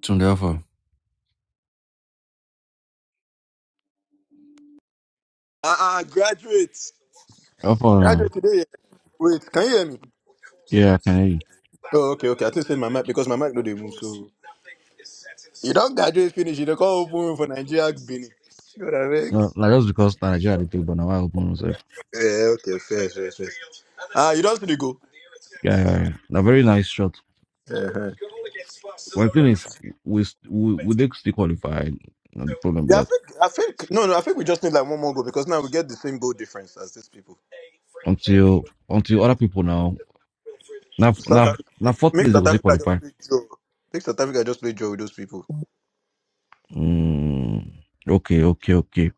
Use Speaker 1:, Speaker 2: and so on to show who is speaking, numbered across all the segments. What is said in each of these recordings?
Speaker 1: tuned out for.
Speaker 2: Uh-uh, graduate.
Speaker 1: Out
Speaker 2: Graduate
Speaker 1: um,
Speaker 2: today. yeah. Wait, can you hear me?
Speaker 1: yeah, I can hear you.
Speaker 2: Oh, okay, okay. I think it's my mic because my mic no they move. You don't graduate finish, you don't come open room for Nigeria. You know what I mean?
Speaker 1: No, like that's because Nigeria had the pick, but now I open myself.
Speaker 2: Yeah, okay, fair, fair, fair. Ah, you don't see the goal.
Speaker 1: Yeah, yeah, yeah. A very nice shot.
Speaker 2: Uh-huh.
Speaker 1: My thing is, we st- we we did still qualify. Not the problem with
Speaker 2: Yeah, I
Speaker 1: that
Speaker 2: think I think no, no. I think we just need like one more goal because now we get the same goal difference as these people.
Speaker 1: until until other people now now
Speaker 2: South
Speaker 1: now
Speaker 2: Africa,
Speaker 1: now
Speaker 2: make,
Speaker 1: fourth
Speaker 2: make
Speaker 1: place they go
Speaker 2: South
Speaker 1: still
Speaker 2: Africa
Speaker 1: qualify.
Speaker 2: just play draw. Make South Africa just play draw with those people.
Speaker 1: Mm, okay, okay, okay.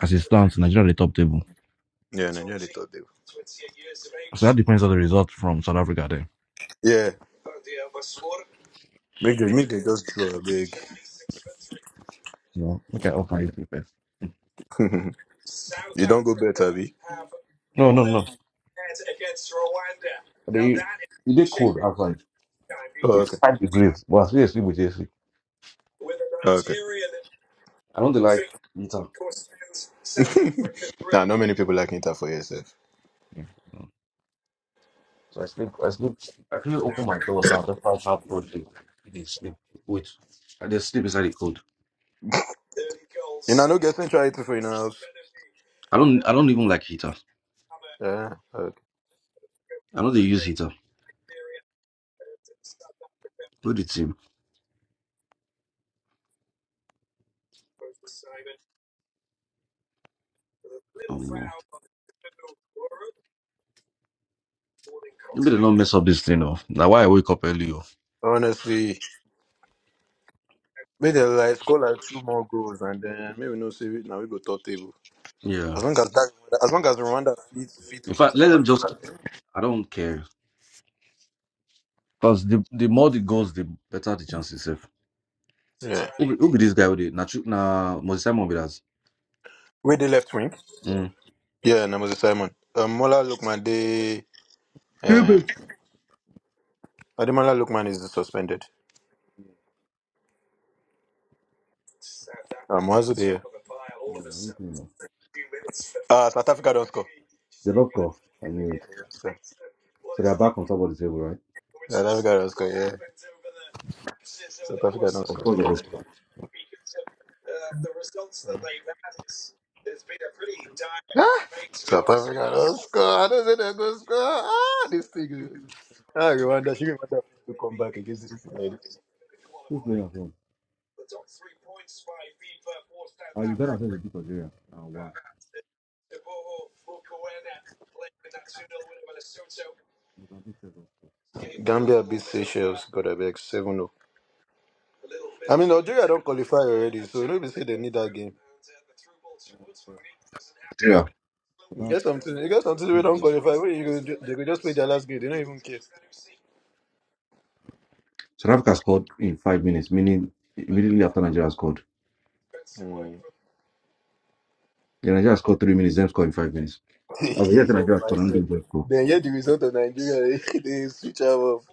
Speaker 1: As it stands, Nigeria at the top table.
Speaker 2: Yeah, no, they-
Speaker 1: So that depends on the result from South Africa. There.
Speaker 2: yeah. Make them, make them just draw. Big,
Speaker 1: No, okay, okay. you first.
Speaker 2: Sabi.
Speaker 1: No, no, no. They it did cold outside. It's five degrees. But I still sleep with AC. I don't really like litter.
Speaker 2: Not many people like Inter for yourself.
Speaker 1: Yeah. Mm. So I sleep, I sleep, I couldn't open my door, so I'm just trying to cold sleep. I dey sleep. Wait, I just sleep inside the cold. I don't, I don't even like heater.
Speaker 2: Yeah. Okay.
Speaker 1: I know they use heater. Who the team? Oh no, maybe they don't mess up this thing. Oh, now why I wake up early? Oh,
Speaker 2: Honestly, Make them like score like two more goals and then maybe no save it now we go top table.
Speaker 1: yeah.
Speaker 2: As long as that, as long as Rwanda feet feet
Speaker 1: In
Speaker 2: out
Speaker 1: fact,
Speaker 2: South
Speaker 1: let them just.
Speaker 2: Africa.
Speaker 1: I don't care. Cause the the more it goes, the better the chances. If who be, who be this guy with it? Na Chu- na Mosisimo be that.
Speaker 2: Where they left wing?
Speaker 1: Mm.
Speaker 2: Yeah, Namuzi Simon. Um, Mola Lukman they
Speaker 1: Yeah,
Speaker 2: um
Speaker 1: but-
Speaker 2: Ademola Lukman is suspended.
Speaker 1: Yeah, I don't know.
Speaker 2: Ah, South Africa.
Speaker 1: They love off. I knew it. So they are back on top of the table, right? Of course, they go strong.
Speaker 2: Ah, score! I don't say they go score. Ah, this thing. Ah, Rwanda. She Rwanda. Okay, gives this.
Speaker 1: Who's playing at home? Are you better at beat Algeria? Oh, wow. Mozambique says so.
Speaker 2: God, I beg seven zero. Nigeria don't qualify. oh. They need.
Speaker 1: Nigeria.
Speaker 2: That's good. They don't
Speaker 1: South Africa scored in five minutes, meaning immediately after Nigeria scored. Yeah, Nigeria scored three minutes, then scored in five minutes. Oh, yes,
Speaker 2: even. oh,
Speaker 1: Nigeria
Speaker 2: I
Speaker 1: scored and
Speaker 2: swear.
Speaker 1: didn't just score.
Speaker 2: Then hear the result of Nigeria. they switch am off.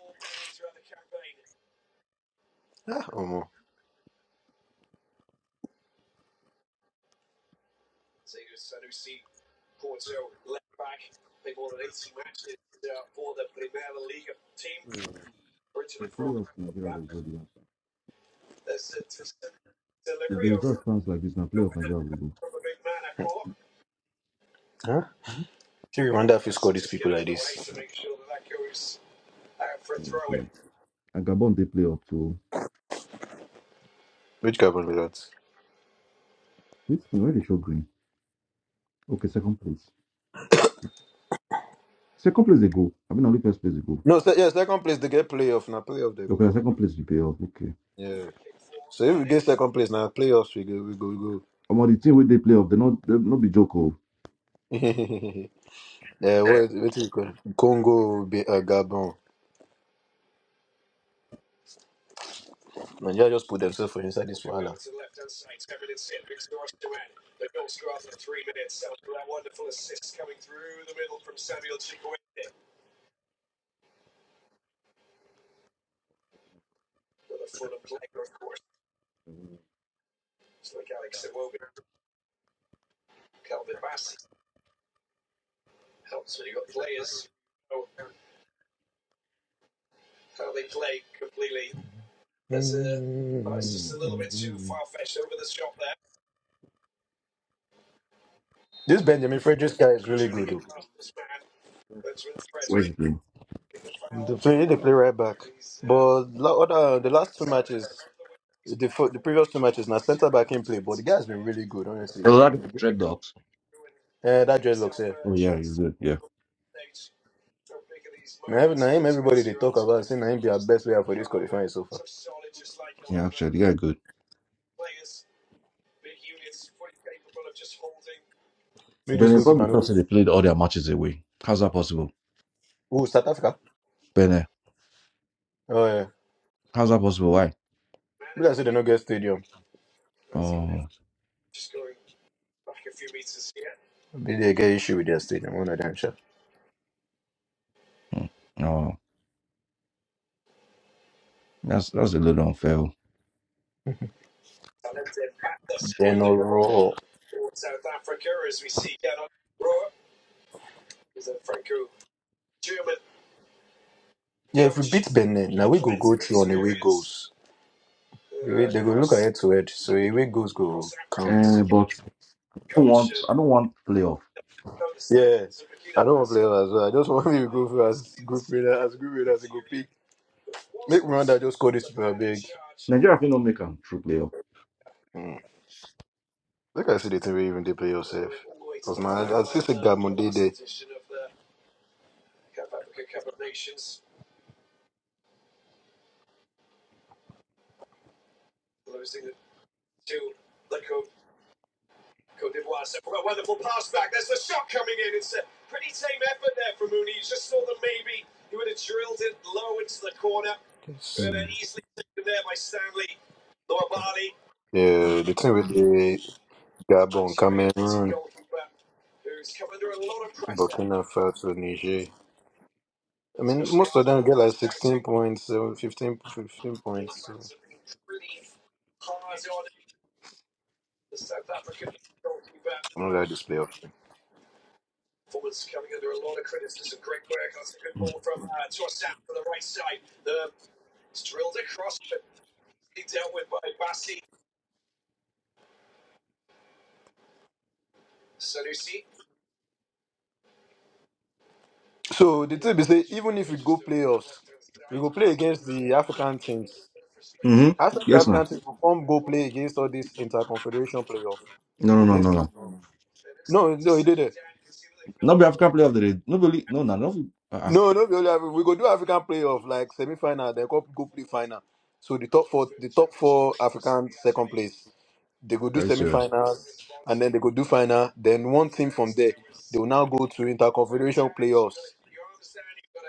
Speaker 2: Ah, omo.
Speaker 1: The playoff Nigeria will go there. If the result sounds like this, now playoff Nigeria will go.
Speaker 2: Huh? See Rwanda office.
Speaker 1: Sure. And Gabon, they play up to
Speaker 2: Which carbon be that?
Speaker 1: this thing where they show green. Okay, second place. Second place they go. I mean, only first place they go.
Speaker 2: No, se- yeah, second place they get playoff. Now playoff they go
Speaker 1: Okay, na
Speaker 2: go.
Speaker 1: second place they play off. Okay.
Speaker 2: Yeah. So if we get second place now, playoffs we go we go
Speaker 1: Omo, the team where they play off, they not they not be joke. oh.
Speaker 2: we go. yeah, what what is it called? Congo be uh, Gabon. Nigeria just put themselves for inside this. Mm. This Benjamin Frederick guy is really
Speaker 1: Where's the game?
Speaker 2: bad. But la- other the last two- the, fir- previous guy has been really good, honestly.
Speaker 1: Well,
Speaker 2: From the
Speaker 1: that Dreadnoughts.
Speaker 2: uh, that's
Speaker 1: Oh yeah, you did. Yeah,
Speaker 2: the best way I've tried so
Speaker 1: yeah. Actually, yeah, good. Benin probably
Speaker 2: far.
Speaker 1: thought say they played all their matches away. How's that possible,
Speaker 2: Oh, South Africa.
Speaker 1: Benin?
Speaker 2: Oh yeah.
Speaker 1: How's that possible? Why?
Speaker 2: People that say they don't get stadium.
Speaker 1: Oh,
Speaker 2: Maybe they get issue with their stadium, one of them sure.
Speaker 1: no, that's that's a little unfair. oh.
Speaker 2: Oh, yeah, now get to it. So if we go school.
Speaker 1: Eh, but I don't want I don't want playoff.
Speaker 2: Yeah, so I just want me to go for as greater as good Just
Speaker 1: Nigeria can not make a true playoff.
Speaker 2: Mm. like I see the thing we even they play us. Yeah, the thing with the Gabon kind of fell to Niger. I Points, uh, 15, fifteen points. I'm not gonna this playoff. thing. So the thing is, say even if we go playoffs, we go play against the African teams.
Speaker 1: Mm-hmm.
Speaker 2: After the
Speaker 1: Yes, now.
Speaker 2: African teams, we come go play against all this interconfederation playoff
Speaker 1: No, no, no, no,
Speaker 2: against.
Speaker 1: no. Not be African playoff. That they nobody. No, no, no. Uh, uh
Speaker 2: No, no, be only Afri- we go do African playoff like semi final, then go go play final. So the top four, the top four African second place, they go do
Speaker 1: very
Speaker 2: semi
Speaker 1: serious.
Speaker 2: finals, and then they go do final. Then one team they will now go to inter confederation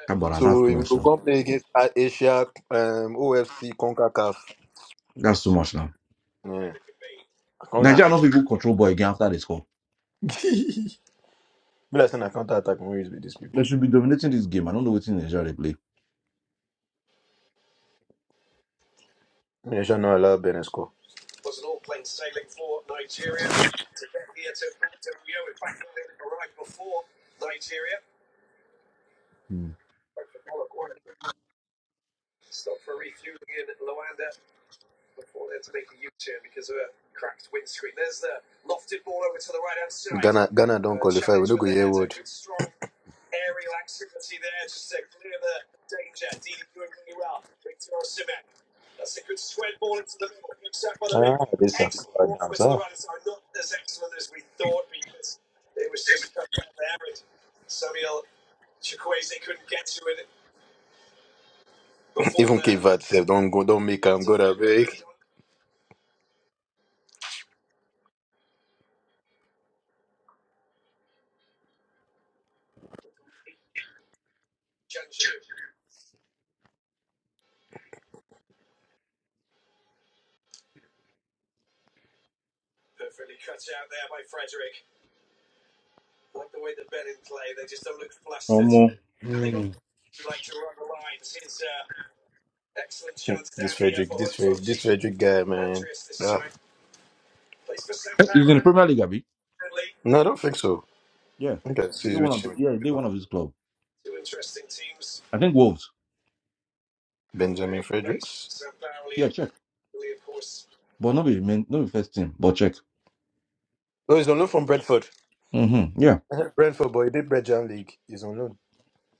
Speaker 1: Come on, that's
Speaker 2: So
Speaker 1: too
Speaker 2: we
Speaker 1: much
Speaker 2: go
Speaker 1: now.
Speaker 2: come play against A- Asia, um, OFC, Concacaf.
Speaker 1: That's too much now.
Speaker 2: Yeah, Conca.
Speaker 1: Nigeria not be good control ball again after they score.
Speaker 2: be like saying I counter attack movies with these
Speaker 1: They
Speaker 2: people.
Speaker 1: should be dominating this game. I don't know what in Nigeria they play.
Speaker 2: They should not allow Benin score.
Speaker 1: Mm.
Speaker 2: Uh, Ghana don't but sef, don't go, don't make a
Speaker 1: Omo.
Speaker 2: Frederick guy man.
Speaker 1: He's in the Premier League, Abby.
Speaker 2: No, I don't think so.
Speaker 1: Yeah.
Speaker 2: I think I
Speaker 1: He did
Speaker 2: see
Speaker 1: one
Speaker 2: which
Speaker 1: of the,
Speaker 2: team.
Speaker 1: yeah, he did one of his club. I think Wolves.
Speaker 2: Benjamin Frederick.
Speaker 1: Yeah, check. But not be main, not be first team, but check.
Speaker 2: Oh, he's on loan from Brentford.
Speaker 1: Mm-hmm. Yeah.
Speaker 2: Brentford, but he did Belgium League. He's on loan.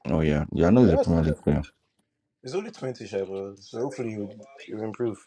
Speaker 1: Oh yeah. Yeah, I know he's a
Speaker 2: Yes.
Speaker 1: Premier League player.
Speaker 2: He's only 20, shy, but he'll improve.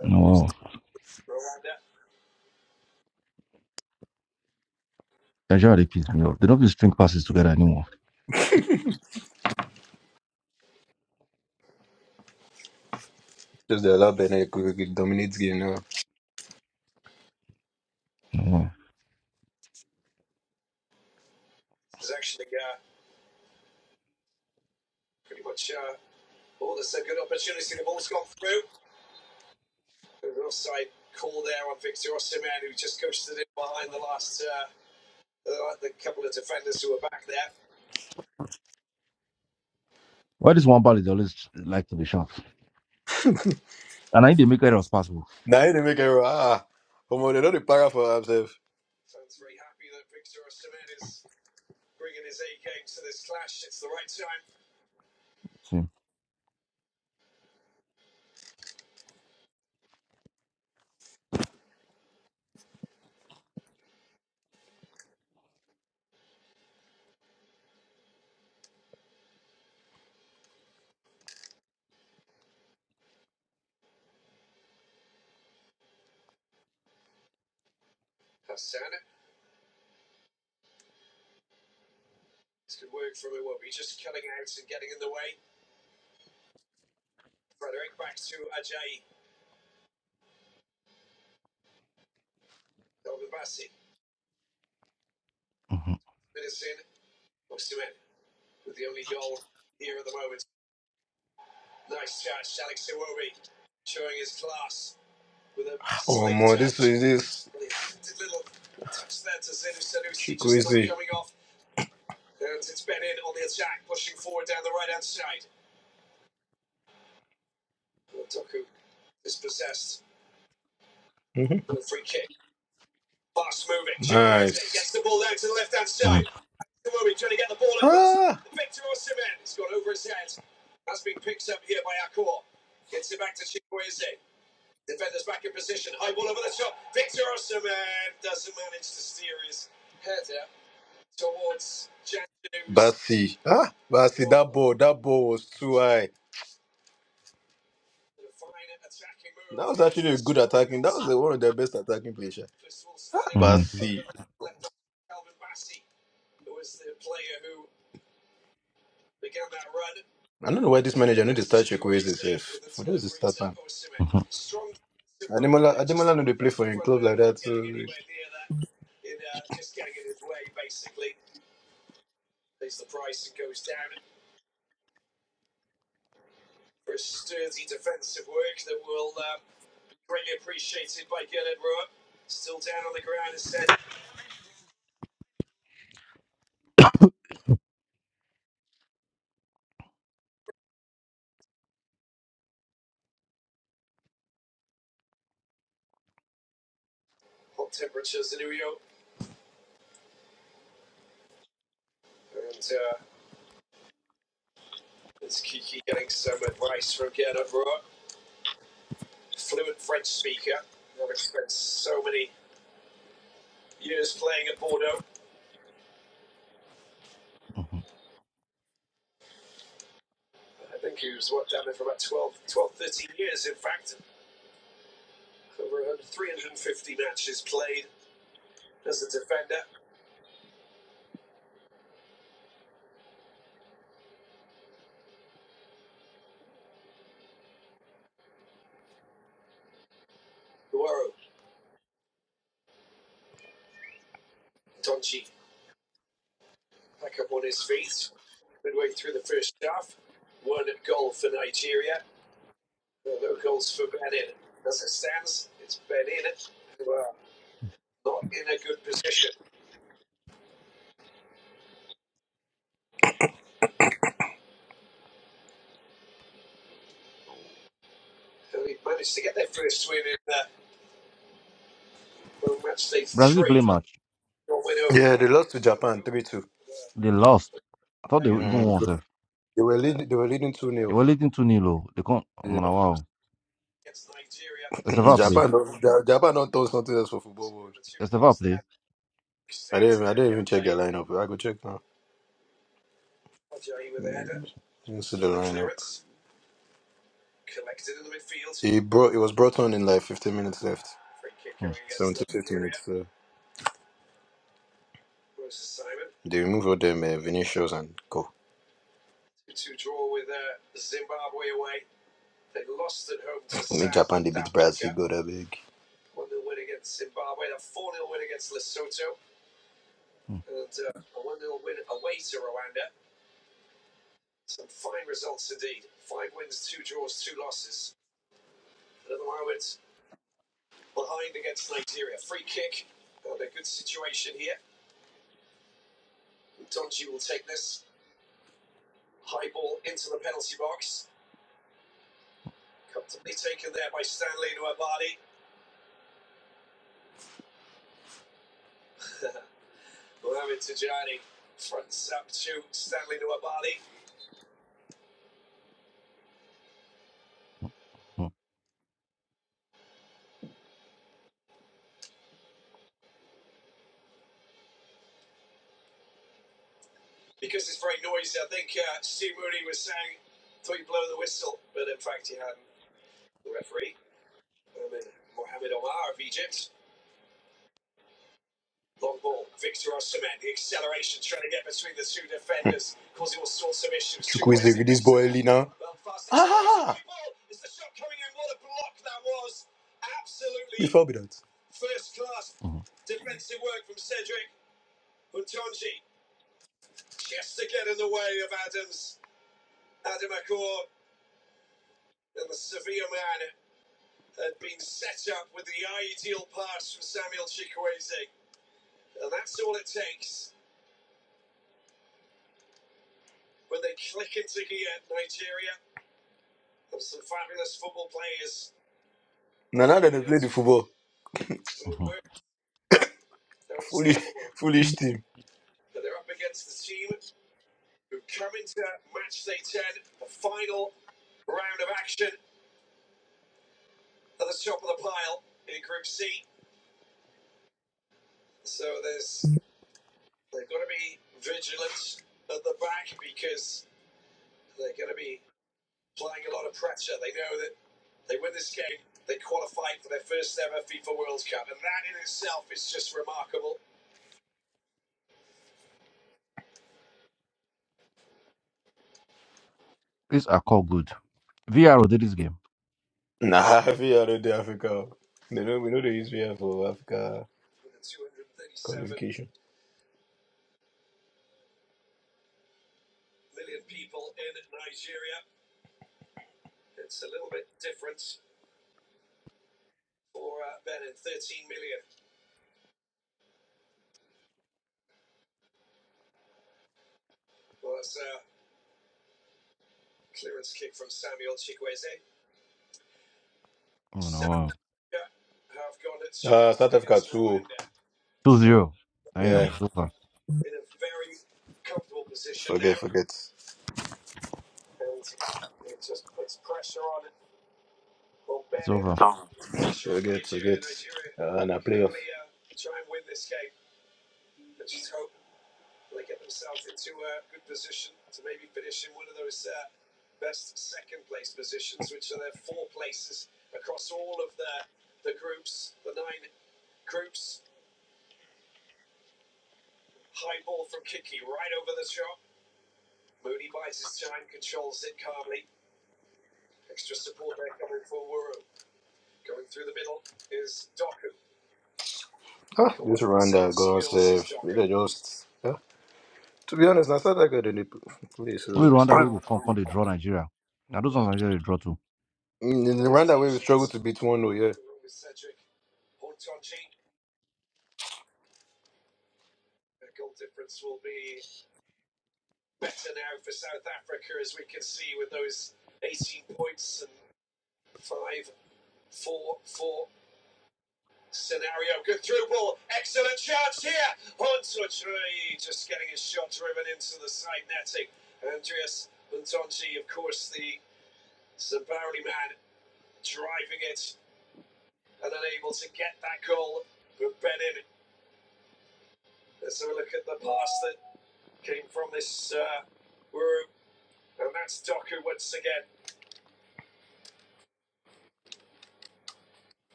Speaker 1: No wow. That's how they piss me off. They don't be string passes together anymore.
Speaker 2: Just they allow Benet to dominate game now.
Speaker 1: No wow. Why this one ball is always like to be shot? And I need to make it as possible.
Speaker 2: Now he dey make error. Ah, come on, they know the para for himself.
Speaker 1: See. Mm-hmm.
Speaker 2: Is this? hmm
Speaker 1: Mm-hmm.
Speaker 2: Ah, see. Ah, but ball, that ball was too high. That was one of their best attacking players. sha. But
Speaker 1: Mm-hmm.
Speaker 2: I don't know why this manager. I
Speaker 1: Mm-hmm.
Speaker 2: know they play.
Speaker 1: Mm-hmm. Brazil play match.
Speaker 2: Yeah, they lost to Japan 3 2.
Speaker 1: They lost. I thought they even won.
Speaker 2: Mm.
Speaker 1: sef.
Speaker 2: They were leading. They were leading 2
Speaker 1: They
Speaker 2: nil
Speaker 1: were leading 2 0. They can't. I'm
Speaker 2: Yeah.
Speaker 1: on a wow. It's a foul play.
Speaker 2: But Ja- Japan don't throw something else for football
Speaker 1: It's a foul play.
Speaker 2: lineup. I go check now. Incident. He brought. It was brought on in like 15 minutes left.
Speaker 1: Hmm.
Speaker 2: So they removed all them uh, Vinicius and go. God I beg.
Speaker 1: Mm, mm,
Speaker 2: Well, now probably that.
Speaker 1: mm,
Speaker 2: Now now the football
Speaker 1: mhm.
Speaker 2: foolish team.
Speaker 1: These are called good. VR did this game.
Speaker 2: Nah, we are not the Africa. They know we know they use VR for Africa occasion.
Speaker 1: Oh no, wow. 2 zero. Damn, it's over.
Speaker 2: forget.
Speaker 1: It's over.
Speaker 2: Uh, nah. Ah, I just. Yeah. To be honest, I started that in the place. So
Speaker 1: Only Rwanda we go come, come they draw Nigeria. Now those ones Nigeria they draw too.
Speaker 2: in in the round that way to beat one, oh yeah.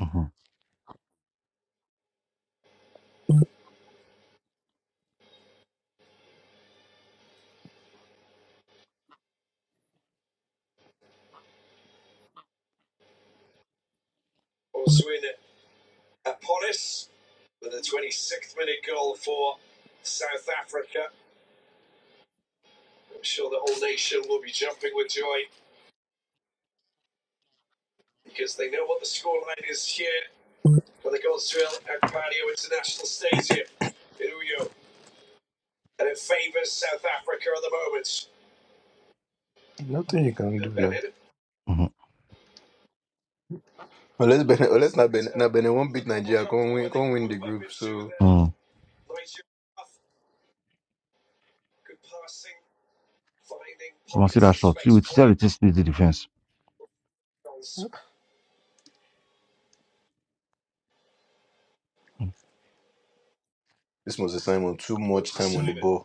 Speaker 1: Mm-hmm.
Speaker 2: Nothing you can do.
Speaker 1: Mm-hmm.
Speaker 2: Unless Ben, unless not Ben, Ben won't.
Speaker 1: Mm. You want see that shot? See, we see it is the defense. Mm-hmm.
Speaker 2: This must Simon too much. oh,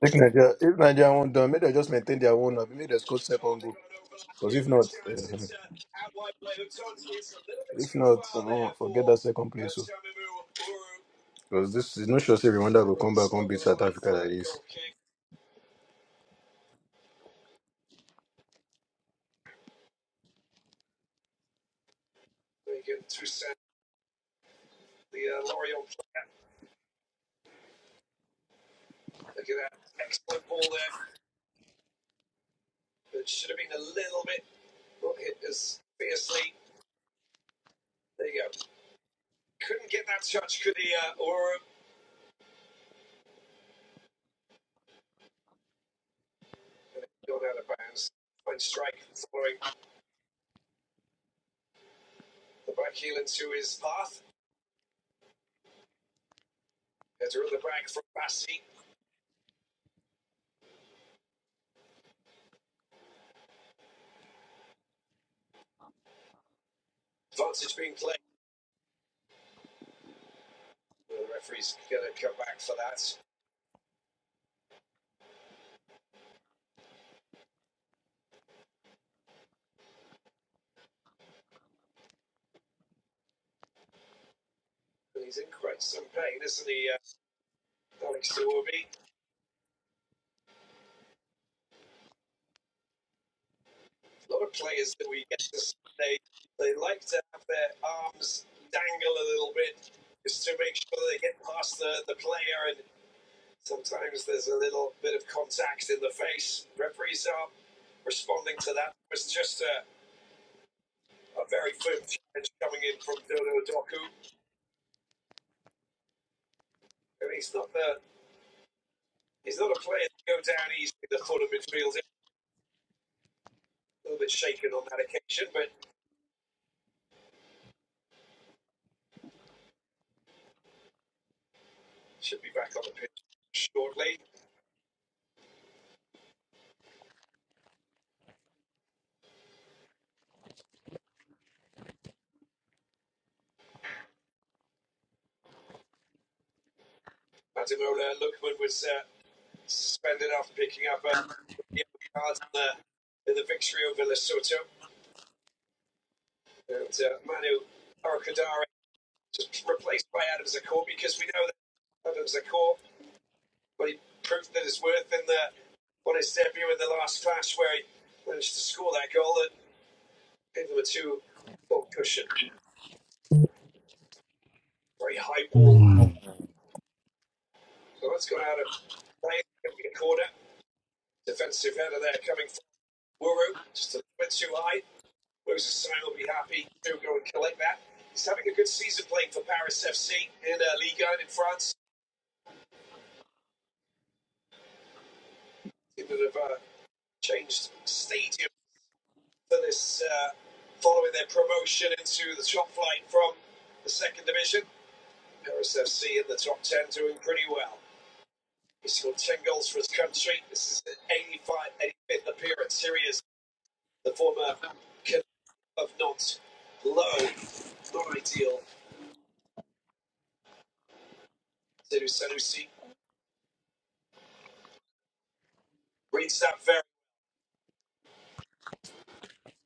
Speaker 2: If Nigeria, if Nigeria won't done, maybe they just maintain their own. Maybe they score second, second Because this is not sure. Say remember,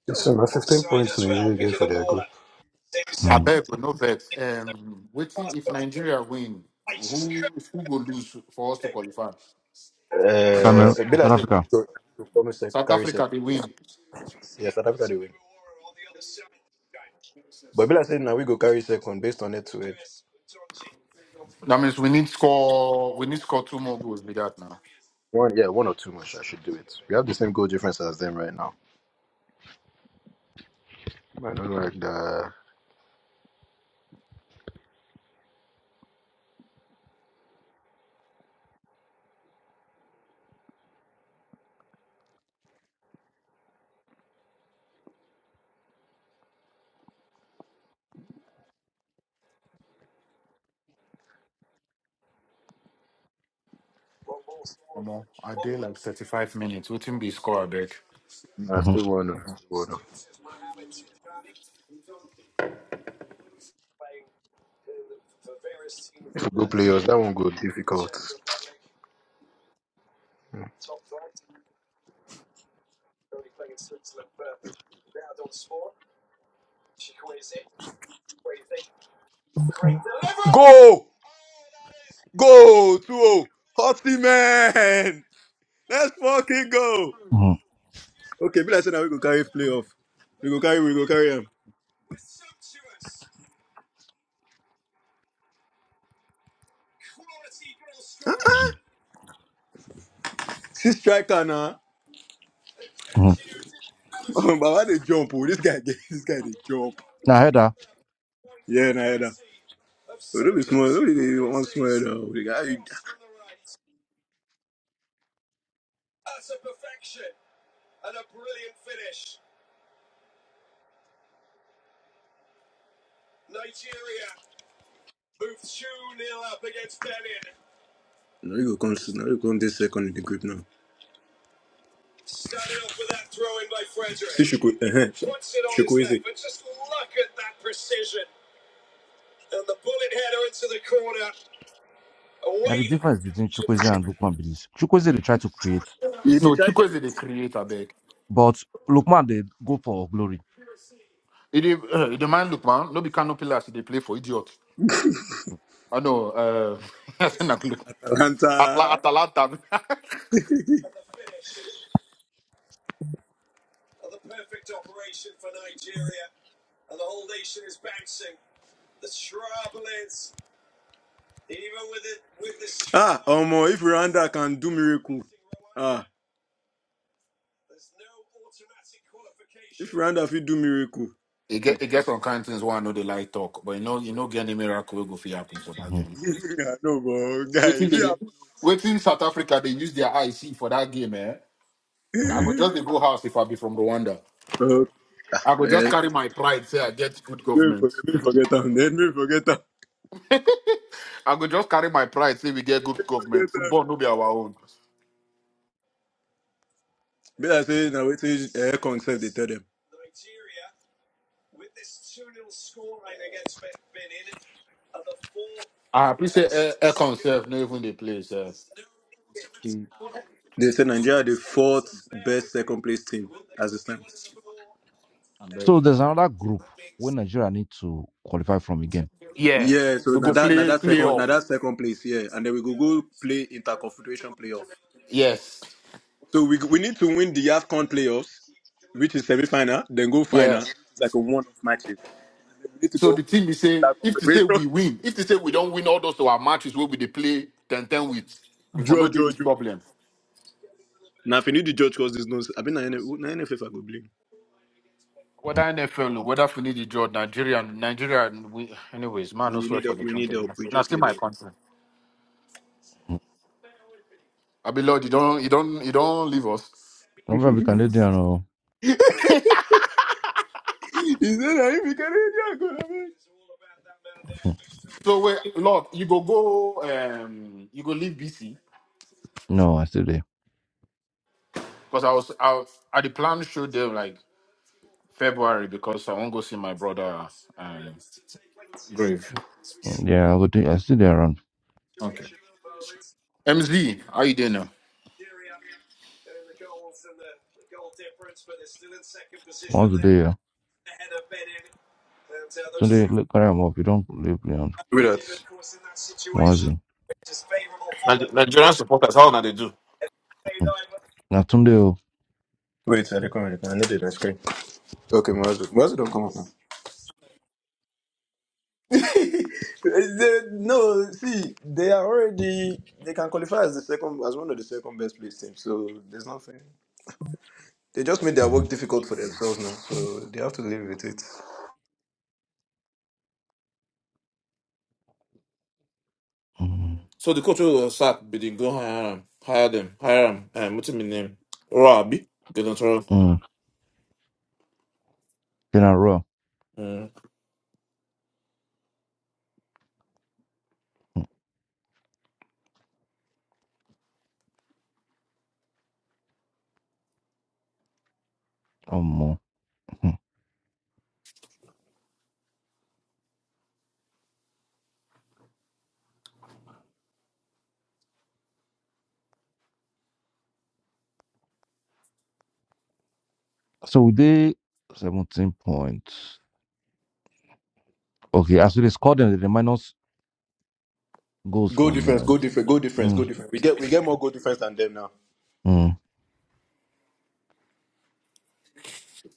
Speaker 2: it's so nothing.
Speaker 3: I
Speaker 1: mm-hmm.
Speaker 3: beg no vex. Um, waiting if Nigeria win, who who will lose for us to qualify?
Speaker 2: Uh,
Speaker 1: Cameroon, South Africa.
Speaker 2: go, go come sec,
Speaker 3: South
Speaker 2: carry
Speaker 3: Africa
Speaker 2: second.
Speaker 3: they win.
Speaker 2: Yes, South Africa. but be like saying now we go carry second based on it. Too.
Speaker 3: That means we need score. We need score two more goals. Be that now.
Speaker 2: One, yeah, one or two much. I should do it. We have the same goal difference as them right now. I don't like the.
Speaker 3: Omo, I did like thirty five minutes. Waiting be score. I beg.
Speaker 2: I still
Speaker 1: Mm-hmm.
Speaker 2: want two players. That one go difficult. Go! Go! 2 0. man! Let's fucking go!
Speaker 1: Mm-hmm.
Speaker 2: Okay, be like saying now we go carry playoff. We go carry. We go carry him. See striker now.
Speaker 1: Mm-hmm.
Speaker 2: Oh, Baba they jump. Oh, this guy get this guy they jump.
Speaker 1: Now header.
Speaker 2: No, the guy. No, you go come. No, you come this second in the group now. You go. Uh-huh.
Speaker 1: Now the difference between Chukwueze and Lukman be this: Chukwueze they try to create,
Speaker 2: Yeah,
Speaker 3: No,
Speaker 2: they try to
Speaker 3: Chukwueze they create. I beg.
Speaker 1: but Lukman they go for glory.
Speaker 3: It dey uh, the man look man. No be canopy last. They play for idiot. I know. Uh, I say na look. Atla-
Speaker 2: Atalanta.
Speaker 3: Atalanta.
Speaker 2: Ah, Omo, if Rwanda can do miracle. Ah, if Rwanda fit do miracle.
Speaker 3: it get it gets on kind things. One know they like talk, but you know you know get any miracle will go for happen for that
Speaker 1: hmm
Speaker 3: game.
Speaker 2: I know, but guy,
Speaker 3: Waiting,
Speaker 2: if you
Speaker 3: they, waiting South Africa, they use their IC for that game, eh? I
Speaker 1: hmm
Speaker 3: could just
Speaker 2: happen.
Speaker 3: dey go house if I be from Rwanda.
Speaker 2: oh,
Speaker 3: I could just
Speaker 2: man.
Speaker 3: carry my pride, say I get good
Speaker 2: Maybe
Speaker 3: government.
Speaker 2: forget, maybe forget them. Then maybe forget them.
Speaker 3: I could just carry my pride, say we get good government.
Speaker 2: Forget them.
Speaker 3: Football no be our own.
Speaker 2: But I say, now wait till air concept they tell them.
Speaker 3: I appreciate air, air conserve, no even they play, sir.
Speaker 2: They say Nigeria the fourth best second place team as it
Speaker 3: I'm very-
Speaker 1: So there's another group where Nigeria need to qualify from again.
Speaker 3: Yeah.
Speaker 2: Yeah, so
Speaker 3: We
Speaker 2: now
Speaker 3: go
Speaker 2: that now
Speaker 3: play
Speaker 2: that second now
Speaker 3: playoff.
Speaker 2: that second place, yeah, and then we go go play interconfederation playoff.
Speaker 3: Yes.
Speaker 2: So we we need to win the AFCON playoffs, which is semi final, then go
Speaker 3: Yeah.
Speaker 2: final. It's like a one. We need to
Speaker 3: So
Speaker 2: go
Speaker 3: the team is say if they say
Speaker 2: confederation.
Speaker 3: we win, if they say we don't win all those our matches where we they play 10 10 with, we for
Speaker 2: draw,
Speaker 3: no day
Speaker 2: draw,
Speaker 3: this
Speaker 2: draw.
Speaker 3: problem.
Speaker 2: Now if you need the judge cause this nonsense, I mean, na NF na NFF I go blame.
Speaker 3: Whether
Speaker 1: Mm-hmm.
Speaker 3: NFL, whether Finidi George, Nigerian, Nigerian, we, anyways, man, no
Speaker 2: We
Speaker 3: swear
Speaker 2: need
Speaker 3: for
Speaker 2: help.
Speaker 3: the
Speaker 2: We need
Speaker 3: country.
Speaker 2: help. We
Speaker 3: Now,
Speaker 2: just
Speaker 3: still
Speaker 2: need
Speaker 3: my
Speaker 2: help.
Speaker 3: country. I be Lord, you don't, you don't, you don't leave us.
Speaker 1: Remember we can let them know.
Speaker 2: Is that if you can, I go. I mean.
Speaker 1: Mhm.
Speaker 3: So wait, Lord, you go go, um, you go leave BC
Speaker 1: No, I still there.
Speaker 3: because I was, I, was- I the plan showed them like February because I won't go see my brother. Um, Grave.
Speaker 1: Mm, Yeah, I go. do- I still there around
Speaker 3: Okay. MZ, how you doing now?
Speaker 1: once a day. Yeah. Sunday look carry them up. You don't leave around once a day.
Speaker 4: Niger- Nigerian supporters, how now they do?
Speaker 1: Now Sunday. Oh.
Speaker 2: Wait, sorry, come on. I need it on screen. Okay, Mazu. Mazu don't come up now. They- no, see, they are already they can qualify as the second as one of the second best placed teams. So there's nothing. They just made their work
Speaker 1: Mm-hmm.
Speaker 2: difficult for themselves now, so they have to live with it.
Speaker 1: Mm-hmm.
Speaker 4: So the coach will sack, but they go hire them, hire them, hire them. Um, what's his name? Robbie. They don't throw.
Speaker 1: Mm. Then I roll.
Speaker 4: Mm.
Speaker 1: Um, so they seventeen points. Okay, as they scored them, they minus goals
Speaker 2: Goal
Speaker 1: from.
Speaker 2: difference, goal
Speaker 1: Um,
Speaker 2: difference, goal difference, goal
Speaker 1: mm,
Speaker 2: difference. We get we get more goal difference than them now.
Speaker 1: mm.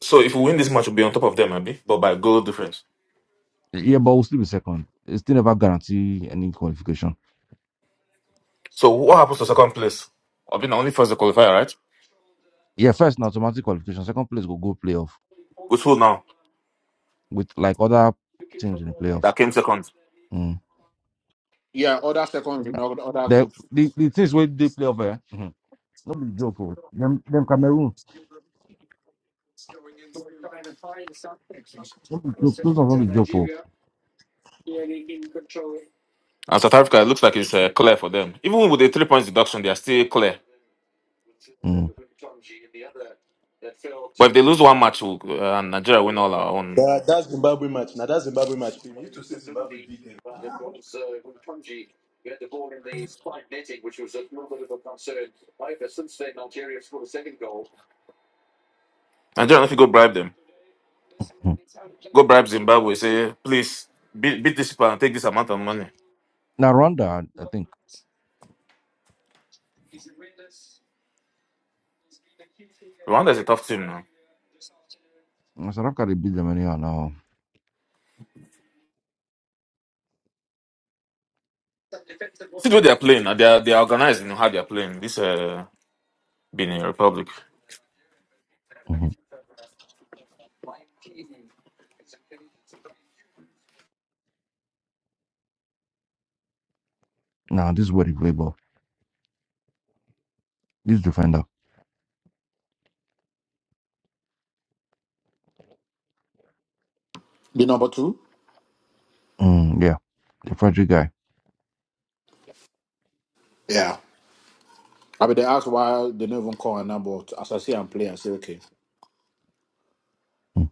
Speaker 4: So if we win this match, we'll be on top of them, Abi, but by goal difference.
Speaker 1: Yeah, but we'll still be second. It's still never guarantee any qualification.
Speaker 4: So what happens to second place? I've been only first the qualifier, right?
Speaker 1: Yeah, first na automatic qualification. Second place go go playoff
Speaker 4: With who now?
Speaker 1: with like other teams in the playoff.
Speaker 4: That came second.
Speaker 1: Mm.
Speaker 3: Yeah, other second, in other other
Speaker 1: The,
Speaker 3: groups.
Speaker 1: the the things where they play over, eh? mm not be joke for them. Them Cameroon, not be joke. Those are not be joke for.
Speaker 4: And South Africa, it looks like it's uh, clear for them. Even with the three points deduction, they are still clear.
Speaker 1: Mm.
Speaker 4: But if they lose one match, we'll, uh, and Nigeria win all our own,
Speaker 2: That, that's Zimbabwe match. Now that's Zimbabwe match. If you need to say Zimbabwe beat them.
Speaker 4: Nigeria, if you go bribe them.
Speaker 1: Mm.
Speaker 4: Go bribe Zimbabwe. Say, please beat, beat this people and take this amount of money.
Speaker 1: Now Rwanda, I think
Speaker 4: Rwanda is a tough team now.
Speaker 1: uh, South Africa they beat them anyhow. Now,
Speaker 4: See the way they are playing. now. They are they are organized. You how they are playing. This uh, Benin Republic.
Speaker 1: hmm now this is where they play ball. This defender,
Speaker 3: The number two.
Speaker 1: mm, yeah, the Frederick guy.
Speaker 3: Yeah. I mean, they ask why they don't even call her number. As I see, I'm playing. I say okay.
Speaker 1: Mm.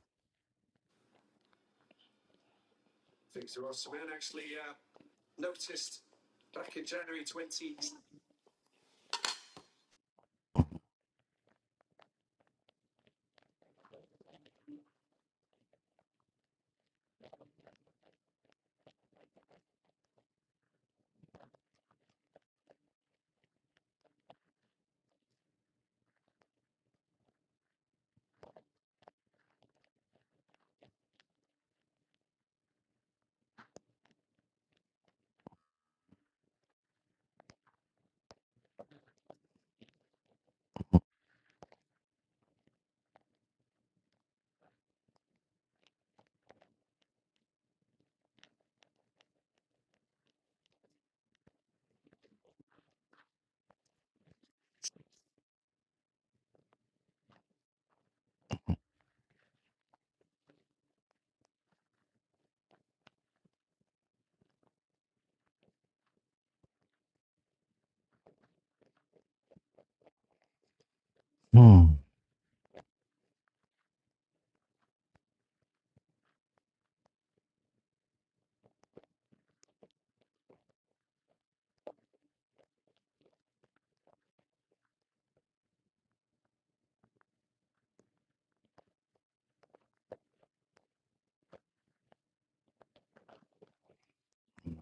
Speaker 1: Mm.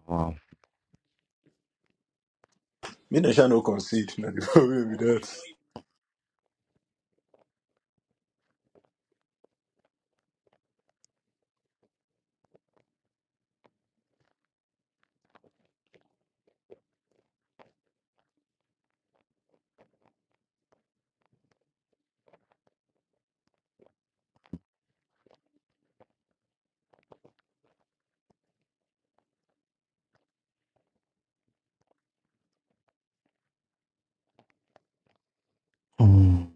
Speaker 1: Wow.
Speaker 2: Me and Shan no concede. No the problem with that.
Speaker 1: Mm.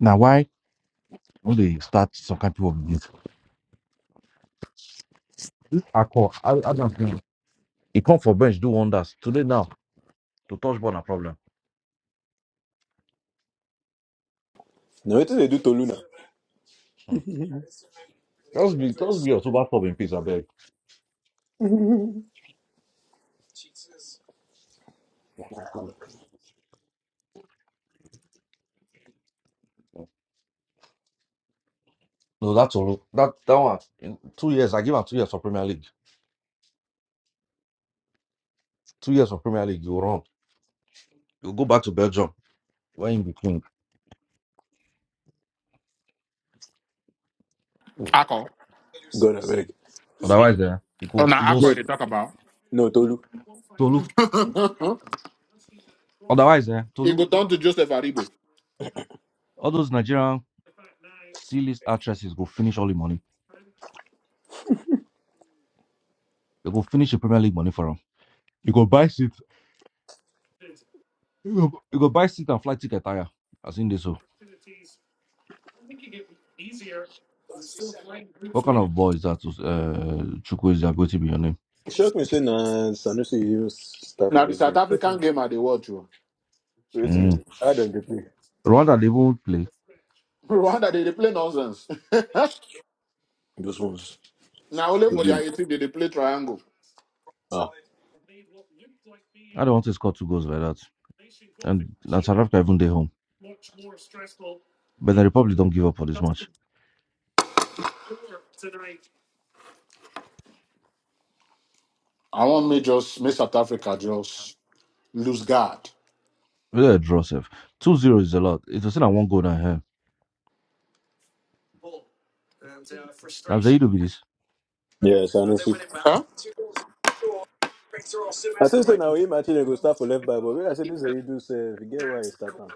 Speaker 1: Now why when they start some kind of people with this, this accord, I, I don't know. He come for bench, do wonders. Today now, to touch ball na problem.
Speaker 2: No, what do they do Tolu now?
Speaker 1: Hmm. Just be just be your super club in peace, I beg. No, that's all that that one in two years, I give him two years for Premier League. Two years for Premier League, you run. You go back to Belgium when you be king.
Speaker 3: I call.
Speaker 2: God I beg.
Speaker 1: Otherwise, eh, it
Speaker 3: Oh,
Speaker 1: goes
Speaker 3: now
Speaker 1: it
Speaker 3: Akko,
Speaker 1: goes
Speaker 2: No,
Speaker 3: they talk about.
Speaker 2: no Tolu.
Speaker 1: Tolu. Otherwise, eh,
Speaker 3: it
Speaker 1: Tolu,
Speaker 3: go down to Joseph Aribo.
Speaker 1: all those Nigerian C list actresses go finish all the money. They go finish the Premier League money for them. You go buy seat You go, you go buy seat and flight ticket tire. I seen this. So, what kind of ball is that? Uh, Chukwu is going to be your name.
Speaker 2: It shocked me saying uh, Sanusi even start for
Speaker 3: Now the
Speaker 2: this game.
Speaker 3: South African game are the watch you.
Speaker 2: Wait a
Speaker 1: Mm.
Speaker 2: minute. I don't be play.
Speaker 1: Rwanda they won't play.
Speaker 3: Rwanda they dey play nonsense.
Speaker 2: Those ones.
Speaker 3: now only for their 18 they dey play triangle.
Speaker 1: I don't want to score two goals like that. And na South Africa even they home. But the Republic don't give up for this match.
Speaker 3: I want me just make South Africa just lose guard.
Speaker 1: Really a draw safe. Two zero is a lot. It was still a one goal down here. Now Zaidu be this.
Speaker 2: Yes, honestly.
Speaker 3: Huh?
Speaker 2: I think say now imagine you go start for left back, but when I say this you do say you get why you start am.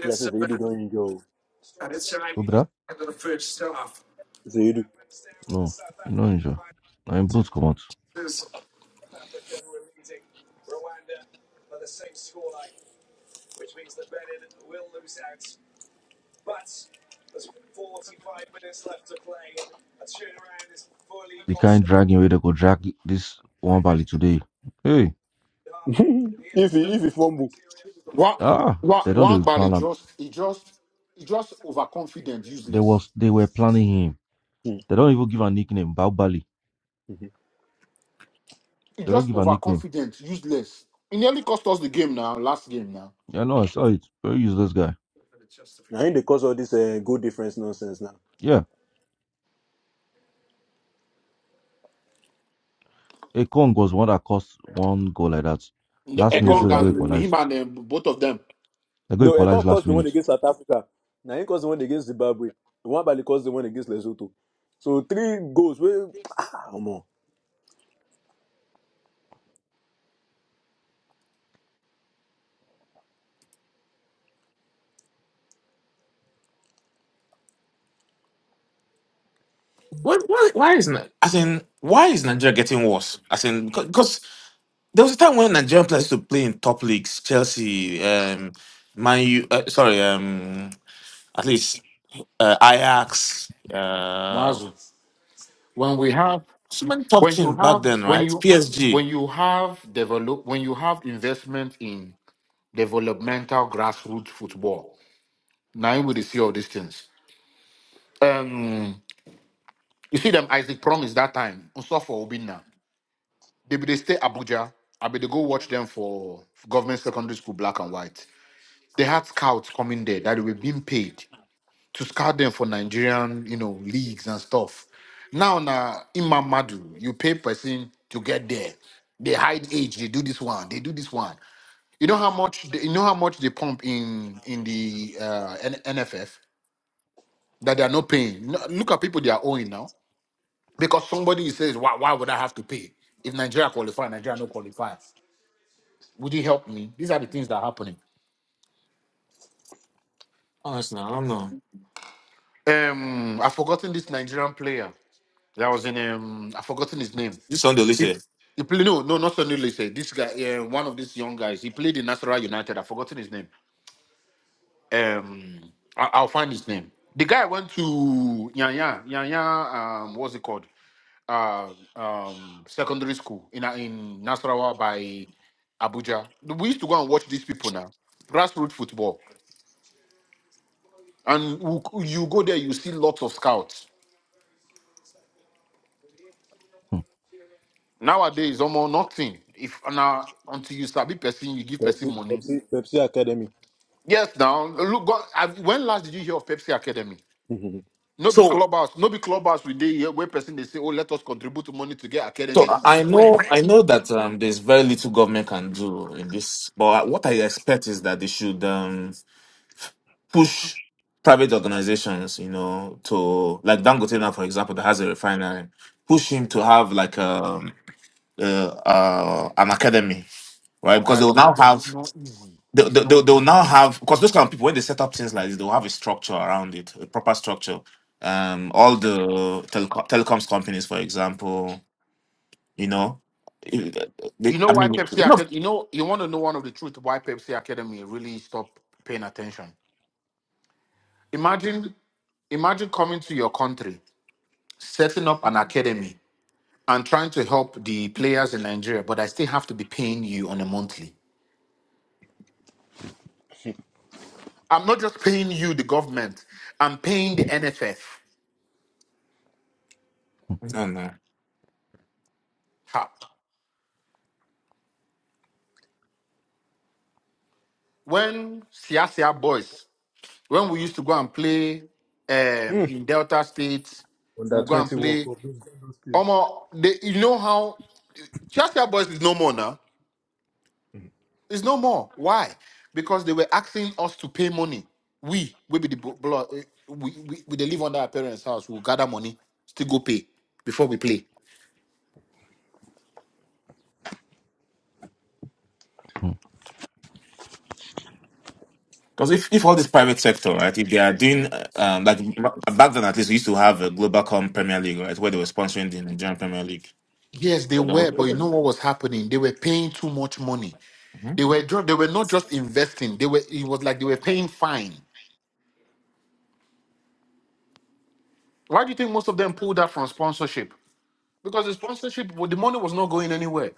Speaker 2: When I say you do don't injure. oh.
Speaker 1: Obra?
Speaker 2: Say you do.
Speaker 1: No, you know injure. Now in boots come out. The kind dragging where they go drag this one bally today. Hey,
Speaker 2: If if you fumble,
Speaker 3: What
Speaker 1: ah, they
Speaker 3: what
Speaker 1: don't
Speaker 3: one
Speaker 1: even
Speaker 3: Bali
Speaker 1: plan. am.
Speaker 3: just he just he just overconfident,
Speaker 1: They
Speaker 3: useless.
Speaker 1: was they were planning him. They don't even give a nickname. Bao
Speaker 3: He
Speaker 1: They don't
Speaker 3: just
Speaker 1: give a nickname.
Speaker 3: overconfident, useless. He nearly cost us the game now, last game now.
Speaker 1: Yeah, no, I saw it. Very useless guy.
Speaker 2: now in the cause all this uh, goal difference nonsense now
Speaker 1: Yeah, a Kong was one that cost one goal like that.
Speaker 3: The
Speaker 1: Last
Speaker 2: against
Speaker 1: minute
Speaker 3: Ekong
Speaker 1: where they go
Speaker 2: Zimbabwe.
Speaker 3: and him
Speaker 1: equalize.
Speaker 3: and um, both of them.
Speaker 1: They go
Speaker 2: No, it
Speaker 1: equalize
Speaker 2: can't cause
Speaker 1: last
Speaker 2: the one
Speaker 1: minute.
Speaker 2: against South Africa. Now it cause the one against Zimbabwe. The one by cause the one against Lesotho. So three goals. Well, ah, come on.
Speaker 4: What, why why is Ni- as in why is Nigeria getting worse? As in because, because there was a time when Nigerian players used to play in top leagues, Chelsea, um, Man U. Uh, sorry, um, at least uh, Ajax. Uh,
Speaker 3: Mazu. When we have
Speaker 4: so many top
Speaker 3: when you
Speaker 4: teams back
Speaker 3: have
Speaker 4: then,
Speaker 3: when
Speaker 4: right?
Speaker 3: you
Speaker 4: PSG.
Speaker 3: when you have develop when you have investment in developmental grassroots football now you will see all these things um you see them isaac promise that time for obina they be they stay abuja i be they go watch them for government secondary school black and white they had scouts coming there that they were being paid to scout them for Nigerian, you know, leagues and stuff. Now, na Imamadu, you pay person to get there. They hide age. They do this one. They do this one. You know how much? They, you know how much they pump in in the uh, N- NFF that they are not paying. No- Look at people they are owing now because somebody says, "Why? Why would I have to pay if Nigeria qualify? Nigeria no qualify. Would you help me?" These are the things that are happening.
Speaker 4: Honestly, I don't know.
Speaker 3: Um, I've forgotten this Nigerian player that was in. Um, I've forgotten his name.
Speaker 4: This one they
Speaker 3: He,
Speaker 4: listen.
Speaker 3: he played no, no, not Sonny Lisey. This guy, uh, one of these young guys, he played in Nasarawa United. I've forgotten his name. Um, I, I'll find his name. The guy went to Yanya, Yanya. Um, what's it called? Uh, um, secondary school in uh, in Nasarawa by Abuja. We used to go and watch these people now. Grassroots football, and you you go there, you see lots of scouts.
Speaker 1: Hmm,
Speaker 3: Nowadays, almost nothing. If now until you start be person, you give person
Speaker 2: Pepsi,
Speaker 3: money
Speaker 2: Pepsi, Pepsi Academy.
Speaker 3: Yes, now look. God, I, when last did you hear of Pepsi Academy?
Speaker 2: Under
Speaker 3: No be
Speaker 4: So,
Speaker 3: clubhouse. No be clubhouse. We dey here where person they say, "Oh, let us contribute money to get
Speaker 4: so
Speaker 3: academy."
Speaker 4: I I
Speaker 3: Since when?
Speaker 4: know, I know that um, there's very little government can do in this. But what I expect is that they should um, push private organizations, you know, to like Dangote now, for example, that has a refinery, push him to have like um, uh, uh, an academy, right?
Speaker 3: Oh,
Speaker 4: Because
Speaker 3: guy,
Speaker 4: they will
Speaker 3: no,
Speaker 4: now
Speaker 3: it
Speaker 4: have
Speaker 3: is not easy.
Speaker 4: they,
Speaker 3: It's
Speaker 4: they,
Speaker 3: not
Speaker 4: they'll they'll
Speaker 3: easy.
Speaker 4: now have because those kind of people when they set up things like this they'll have a structure around it a proper structure um all the teleco- telecoms companies for example you know eh,
Speaker 3: You
Speaker 4: they,
Speaker 3: know
Speaker 4: i
Speaker 3: why
Speaker 4: mean
Speaker 3: Pepsi
Speaker 4: no
Speaker 3: Academy? You know, you want to know one of the truth why Pepsi Academy really stopped paying attention. Imagine, imagine coming to your country, setting up an academy, and trying to help the players in Nigeria, but I still have to be paying you on a monthly. I'm not just paying you, the government. I'm paying the NFF.
Speaker 4: no no
Speaker 3: Ha. When Sia Sia boys, when we used to go and play um, in Delta State, we'll go and
Speaker 2: twenty World
Speaker 3: play.
Speaker 2: Cup. those those things.
Speaker 3: Omo, they, you know how Sia Sia boys is no more now. It's no more. Why? Because they were asking us to pay money. We, we be the blo- blo- eh, we, we, we they live under our parents' house. We'll gather money, still go pay before we play.
Speaker 1: hmm.
Speaker 4: because if, if all this private sector right if they are doing uh, um like b- back then at least we used to have a global premier league right where they were sponsoring the nigerian premier league
Speaker 3: Yes, they were, but you know
Speaker 4: hmm
Speaker 3: what was happening? They were paying too much money. They were dro- they were not just investing. They were it was like they were paying fine. Why do you think most of them pulled that from sponsorship? Because the sponsorship, well, the money was not going anywhere.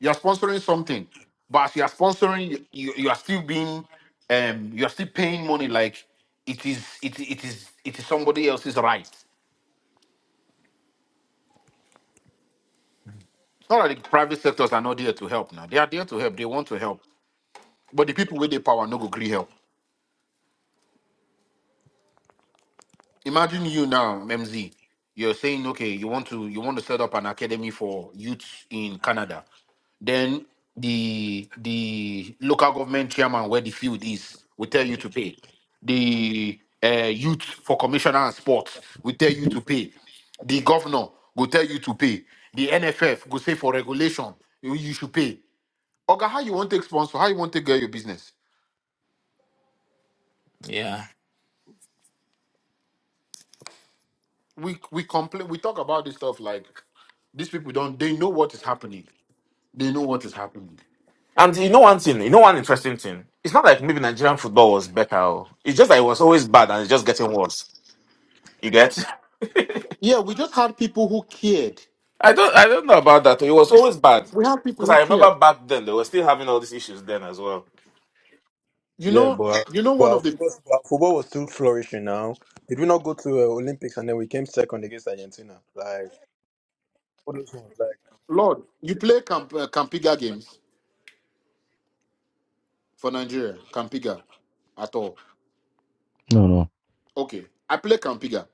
Speaker 3: You are sponsoring something, but as you are sponsoring, you, you, you are still being, um, you are still paying money like it is, it, it is, it is somebody else's right. It's not like the private sectors are not there to help now. They are there to help. They want to help, but the people with the power no go agree help. Imagine you now, MZ. You're saying, okay, you want to you want to set up an academy for youths in Canada. Then the the local government chairman where the field is will tell you to pay. The uh, youth for commissioner and sports will tell you to pay. The governor will tell you to pay. The NFF will say for regulation you, you should pay. Oga, how you want to take sponsor? How you want to get your business?
Speaker 4: yeah
Speaker 3: We we complain. We talk about this stuff like these people don't. They know what is happening. They know what is happening.
Speaker 4: and you know one thing you know one interesting thing it's not like maybe nigerian football was better oh. it's just that it was always bad and it's just getting worse You get?
Speaker 3: Yeah, we just had people who cared.
Speaker 4: I don't I don't know about that. It was always bad.
Speaker 3: We had people
Speaker 4: Because
Speaker 3: who
Speaker 4: I remember
Speaker 3: cared.
Speaker 4: back then they were still having all these issues then as well.
Speaker 3: You
Speaker 2: Yeah,
Speaker 3: know,
Speaker 2: but
Speaker 3: you know,
Speaker 2: but
Speaker 3: one
Speaker 2: our
Speaker 3: of the
Speaker 2: football, but our football was still flourishing now. Did we not go to uh, Olympics and then we came second against Argentina? Like, what those ones, like
Speaker 3: Lord, you play Camp, uh, Campiga games for Nigeria, Campiga at all.
Speaker 1: No, no.
Speaker 3: Okay, I play Campiga,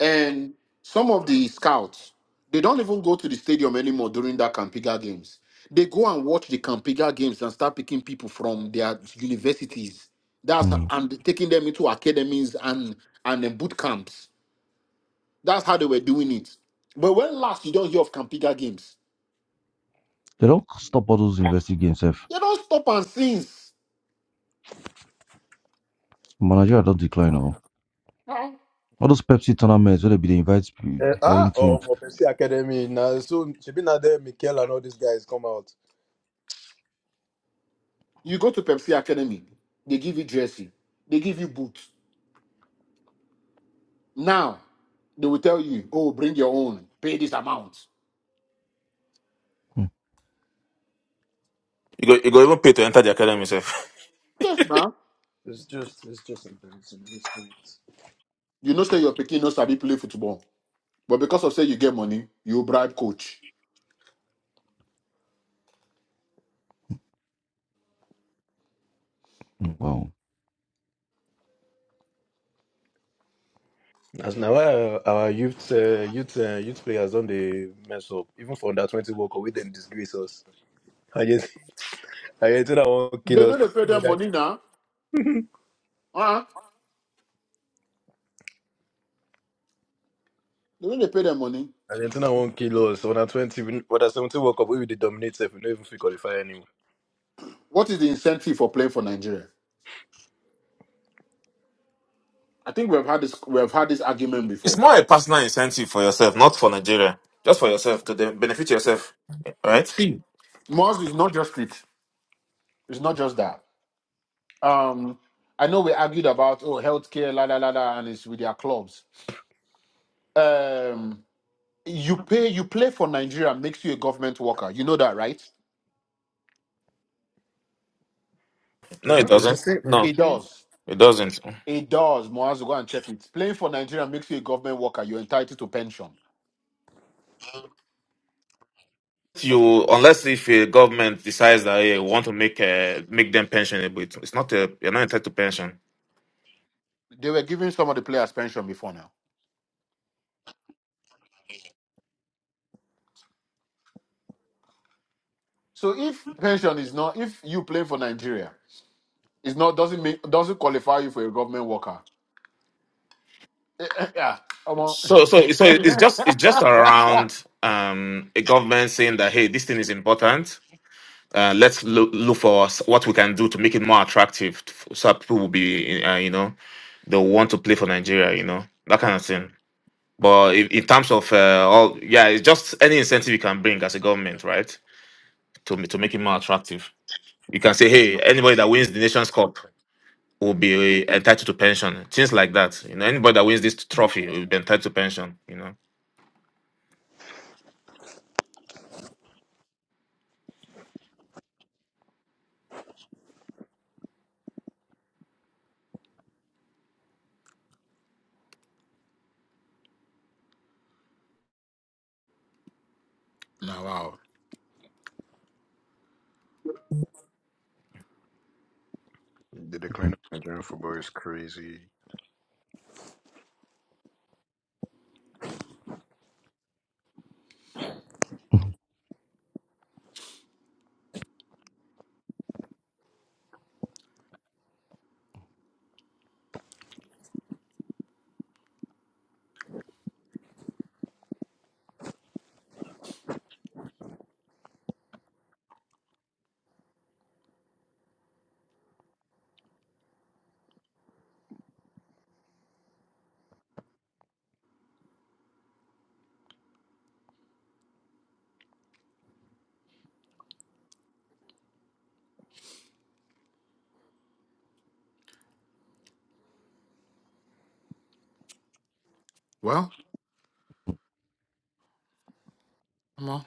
Speaker 3: and some of the scouts they don't even go to the stadium anymore during that Campiga games. They go and watch the Campiga games and start picking people from their universities. That's
Speaker 1: hmm.
Speaker 3: and taking them into academies and and then boot camps. That's how they were doing it. But when last you don't hear of Campiga games,
Speaker 1: They don't stop all those investing games, F.
Speaker 3: they don't stop and since.
Speaker 1: Manager don't decline all.
Speaker 3: Huh?
Speaker 1: All those Pepsi tournaments where they be they invite p-
Speaker 2: uh,
Speaker 1: foreign
Speaker 2: ah, oh,
Speaker 1: teams.
Speaker 2: Mopesi Academy now. So she been out there, Mikel and all these guys come out.
Speaker 3: You go to Pepsi Academy, they give you jersey, they give you boots. Now they will tell you, oh, bring your own, pay this amount.
Speaker 1: Hmm,
Speaker 4: You go you go even pay to enter the academy self.
Speaker 3: Yes, man.
Speaker 2: It's just, it's just embarrassing. It's this point.
Speaker 3: You know, say your Pekin knows how to play football, but because of say you get money, you bribe coach.
Speaker 1: hmm. Wow.
Speaker 2: As now uh, our youth, uh, youth, uh, youth players don't they mess up? Even for under twenty World Cup, we didn't disgrace us. Argent- Argentina won't
Speaker 3: They
Speaker 2: kill
Speaker 3: know
Speaker 2: us.
Speaker 3: they pay
Speaker 2: But,
Speaker 3: them
Speaker 2: like,
Speaker 3: money now. Uh Huh? They know they pay them money.
Speaker 2: Argentina won't kill us. Under twenty, we- under seventy World Cup, we will dominate. If we don't even fit qualify anymore.
Speaker 3: What is the incentive for playing for Nigeria? I think we have had this we have had this argument
Speaker 4: It's
Speaker 3: before.
Speaker 4: more a personal incentive for yourself, not for Nigeria. Just for yourself to then benefit yourself. Right?
Speaker 3: See, Mars is not just it. It's not just that. Um, I know we argued about oh healthcare, la la la la, and it's with their clubs. Um, you pay, you play for Nigeria makes you a government worker. You know that, right?
Speaker 4: No,
Speaker 2: It's
Speaker 4: it
Speaker 2: not. It's the
Speaker 4: doesn't.
Speaker 2: same. It's the
Speaker 4: No,
Speaker 3: It
Speaker 2: same.
Speaker 3: does.
Speaker 4: it doesn't.
Speaker 3: It does. Moaz, go and check it. Playing for Nigeria makes you a government worker. You're entitled to pension. Okay.
Speaker 4: You unless if a government decides that hey, we want to make uh, make them pensionable, it's it's not a, you're not entitled to pension.
Speaker 3: They were giving some of the players pension before now. So if pension is not, if you play for Nigeria, it's not doesn't make doesn't qualify you for a government worker. Yeah. Come on.
Speaker 4: So so so it's just it's just around um a government saying that hey, this thing is important Uh, let's look, look for s- what we can do to make it more attractive, to- so that people will be, uh, you know, they'll want to play for Nigeria, you know, that kind of thing. But in, in terms of uh, all, yeah, it's just any incentive you can bring as a government, right, to ma- to make it more attractive. You can say, hey, anybody that wins the Nations Cup will be entitled to pension, things like that. You know, anybody that wins this trophy will be entitled to pension. You know
Speaker 3: now, wow.
Speaker 2: The decline of Nigerian football is crazy.
Speaker 3: Well, come on.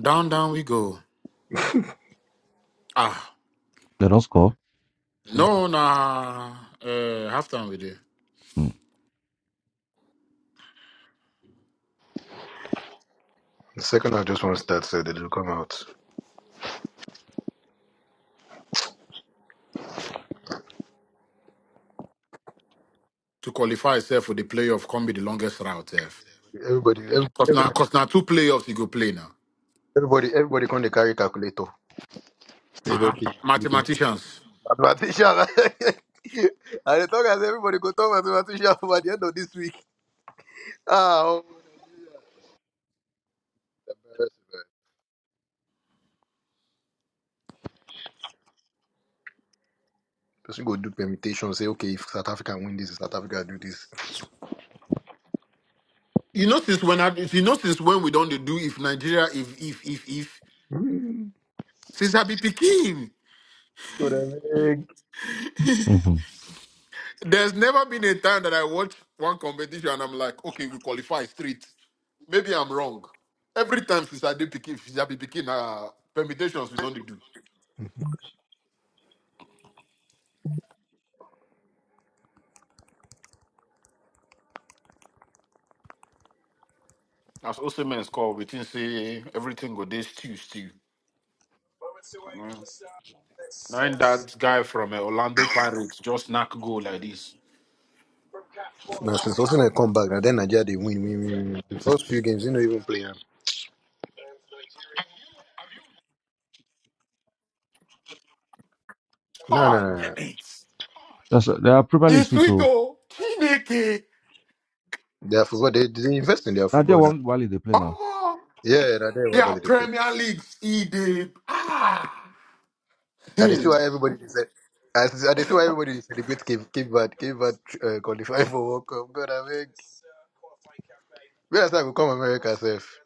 Speaker 3: Down, down we go. Ah,
Speaker 1: They don't score.
Speaker 3: no, nah. Uh, half time we do
Speaker 1: Hmm,
Speaker 2: The second I just want to start, said they will come out.
Speaker 3: to qualify itself for the playoff. Can be the longest route, F.
Speaker 2: Everybody, every,
Speaker 3: Cause
Speaker 2: every,
Speaker 3: now, cause now two playoffs you go play now.
Speaker 2: everybody, everybody, come they carry calculator. They do
Speaker 3: Ah,
Speaker 2: okay.
Speaker 3: uh mathematicians.
Speaker 2: Mathematician. and they talk as everybody go talk mathematician by the end of this week. Ah, oh. person go do permutation. Say okay, if South Africa win this, South Africa do this.
Speaker 3: You know since when I, you know since when we don't dey do if Nigeria if if if if
Speaker 2: Hmm,
Speaker 3: since I be picking.
Speaker 2: What I mean?
Speaker 1: hmm, hmm.
Speaker 3: There's never been a time that I watch one competition and I'm like, okay, we qualify straight. Maybe I'm wrong. Every time since I did picking, since I be picking, uh, permutations we don't dey do. As Osimhen score, we think say everything go this stew stew. Now that guy from uh, Orlando Pirates just knock goal like this.
Speaker 2: since Osimhen come back, and then Nigeria they win, win, win, win. The first few games, they not even play. am. No, no,
Speaker 3: Ah,
Speaker 2: no.
Speaker 3: damn it!
Speaker 1: That's they are Premier League
Speaker 3: It's
Speaker 1: sweet
Speaker 3: sweet
Speaker 1: too.
Speaker 3: oh, Chineke.
Speaker 2: Their football, they, they invest in their
Speaker 1: Now they
Speaker 2: football now.
Speaker 1: one while they play now.
Speaker 3: Oh,
Speaker 2: Yeah, that they
Speaker 3: their
Speaker 2: everybody they play.
Speaker 3: Premier Leagues, Ede. Ah,
Speaker 2: And they
Speaker 3: Hmm.
Speaker 2: see why everybody is like, I see- and they see why everybody is celebrate Cape Cape Verde, Cape Verde uh, qualify for World Cup. God, I mean, where else I will come America self?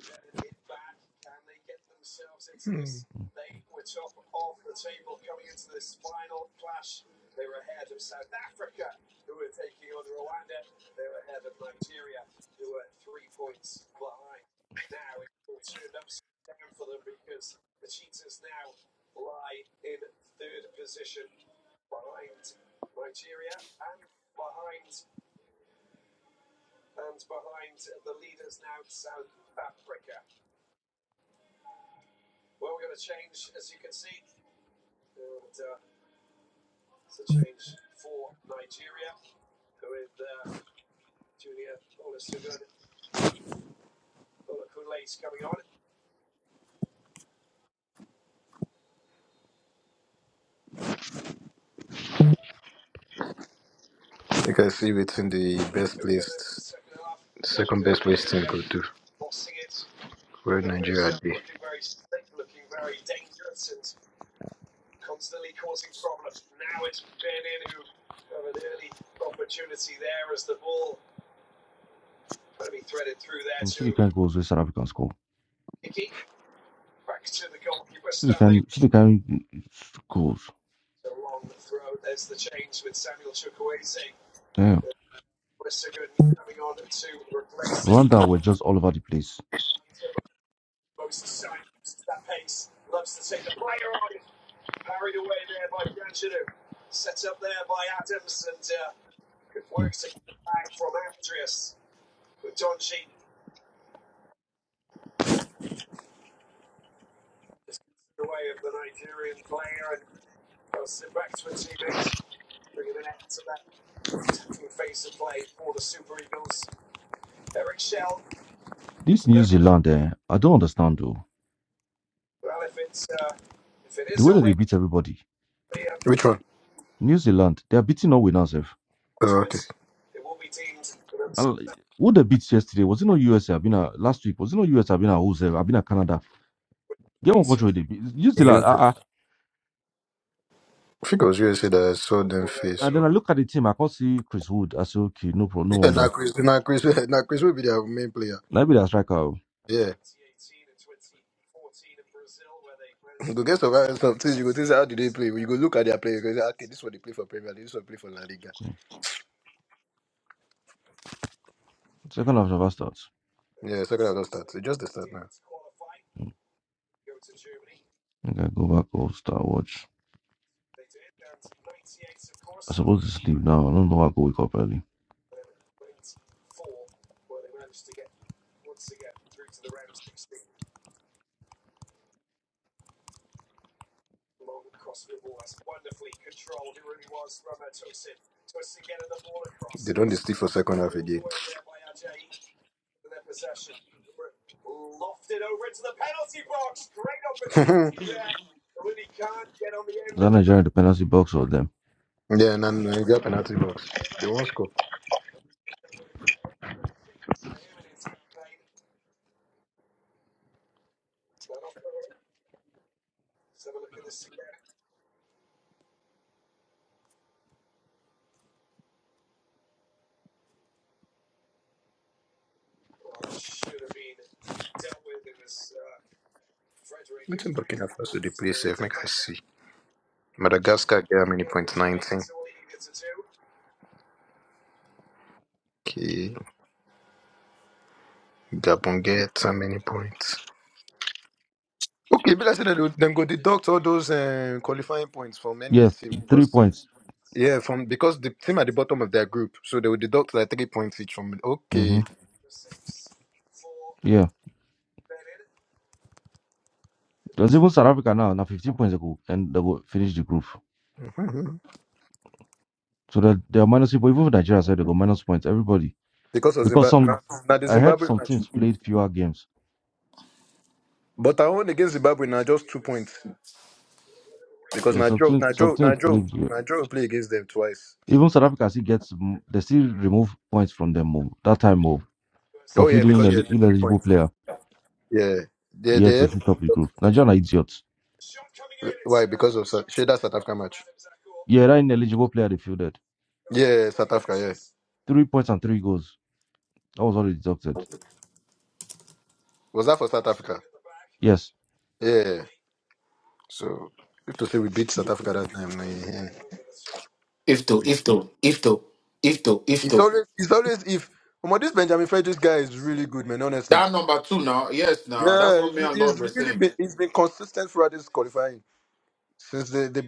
Speaker 2: You can see between the best two. Wait,
Speaker 1: Some city kind goals where South African score. City kind city kind goals. Damn. Rwanda were just all over the place. Hmm. This New Zealand, eh, I don't understand though. The way that they beat everybody.
Speaker 2: Which one?
Speaker 1: New Zealand, they are beating all winners. sef.
Speaker 2: Uh,
Speaker 1: And, like, Who they beat yesterday? Was it not USA? have been a, last week. Was it not USA? have been a who, I've been a Canada. Get one country they beat. New Zealand. Uh, uh.
Speaker 2: I think it was USA that I saw them.
Speaker 1: And then I look at the team. I can't see Chris Wood. I say, okay, no problem, no
Speaker 2: Yeah, now
Speaker 1: wonder.
Speaker 2: Chris, now Chris, now Chris will be their main player.
Speaker 1: Maybe be that striker. oh.
Speaker 2: Yeah. of us, this is how do they play? You go look at their players. you go say, Okay, this one they play for Premier League. This one play for La Liga.
Speaker 1: Hmm. Second half never starts.
Speaker 2: Yes. Just
Speaker 1: Okay, go back or start watch. I supposed to sleep now. I don't know how I go wake up early.
Speaker 2: don't they stick for second.
Speaker 1: Is that Nigeria in the penalty box or them?
Speaker 2: Yeah, and then uh, got penalty box. They won't score. Make I see. Madagascar get how many? Okay. Gabon get how many points? Okay, but I said that then go deduct all those uh, qualifying points from any
Speaker 1: Yes,
Speaker 2: team
Speaker 1: three
Speaker 2: because
Speaker 1: points.
Speaker 2: yeah, from because the team at the bottom of their group, so they will deduct like three points each from.
Speaker 1: hmm
Speaker 2: Okay,
Speaker 1: Yeah. Because even South Africa now, now 15 points they go and they go finish the group.
Speaker 2: Mhm.
Speaker 1: So that they are minus people, even for Nigeria side, they go minus points, everybody.
Speaker 2: because of
Speaker 1: Because
Speaker 2: Zimbabwe,
Speaker 1: some
Speaker 2: now now the
Speaker 1: I heard
Speaker 2: Zimbabwe
Speaker 1: some
Speaker 2: match,
Speaker 1: teams played fewer games.
Speaker 2: but our own against Zimbabwe now just two points because
Speaker 1: Yeah, some
Speaker 2: Nigeria,
Speaker 1: teams some
Speaker 2: Nigeria,
Speaker 1: teams
Speaker 2: Nigeria,
Speaker 1: played yeah.
Speaker 2: Nigeria will play against them twice.
Speaker 1: even South Africa still gets m- they still remove points from them oh, that time oh, for
Speaker 2: Oh yeah, because
Speaker 1: fielding inel-
Speaker 2: the three
Speaker 1: ineligible
Speaker 2: points.
Speaker 1: player.
Speaker 2: Yeah, they
Speaker 1: Yet
Speaker 2: they
Speaker 1: they picked up the group. Nigeria are idiots.
Speaker 2: share that South Africa
Speaker 1: Yeah, that ineligible player they fielded.
Speaker 2: Yeah,
Speaker 1: Three points and three goals. That was all they deducted.
Speaker 2: was that for South Africa?
Speaker 1: Yes.
Speaker 2: Yeah, so if to say we beat South Africa that time, eh, eh,
Speaker 3: if to,
Speaker 2: we-
Speaker 3: if to, if to, if to, if
Speaker 2: it's
Speaker 3: to.
Speaker 2: always it's always if. Omo, this Benjamin Frederick guy is really good, man. Honestly,
Speaker 3: That number two now, yes, now that's
Speaker 2: yeah,
Speaker 3: what me
Speaker 2: he's,
Speaker 3: and Lord
Speaker 2: he's
Speaker 3: were
Speaker 2: really
Speaker 3: saying.
Speaker 2: been he's been consistent throughout this qualifying since the the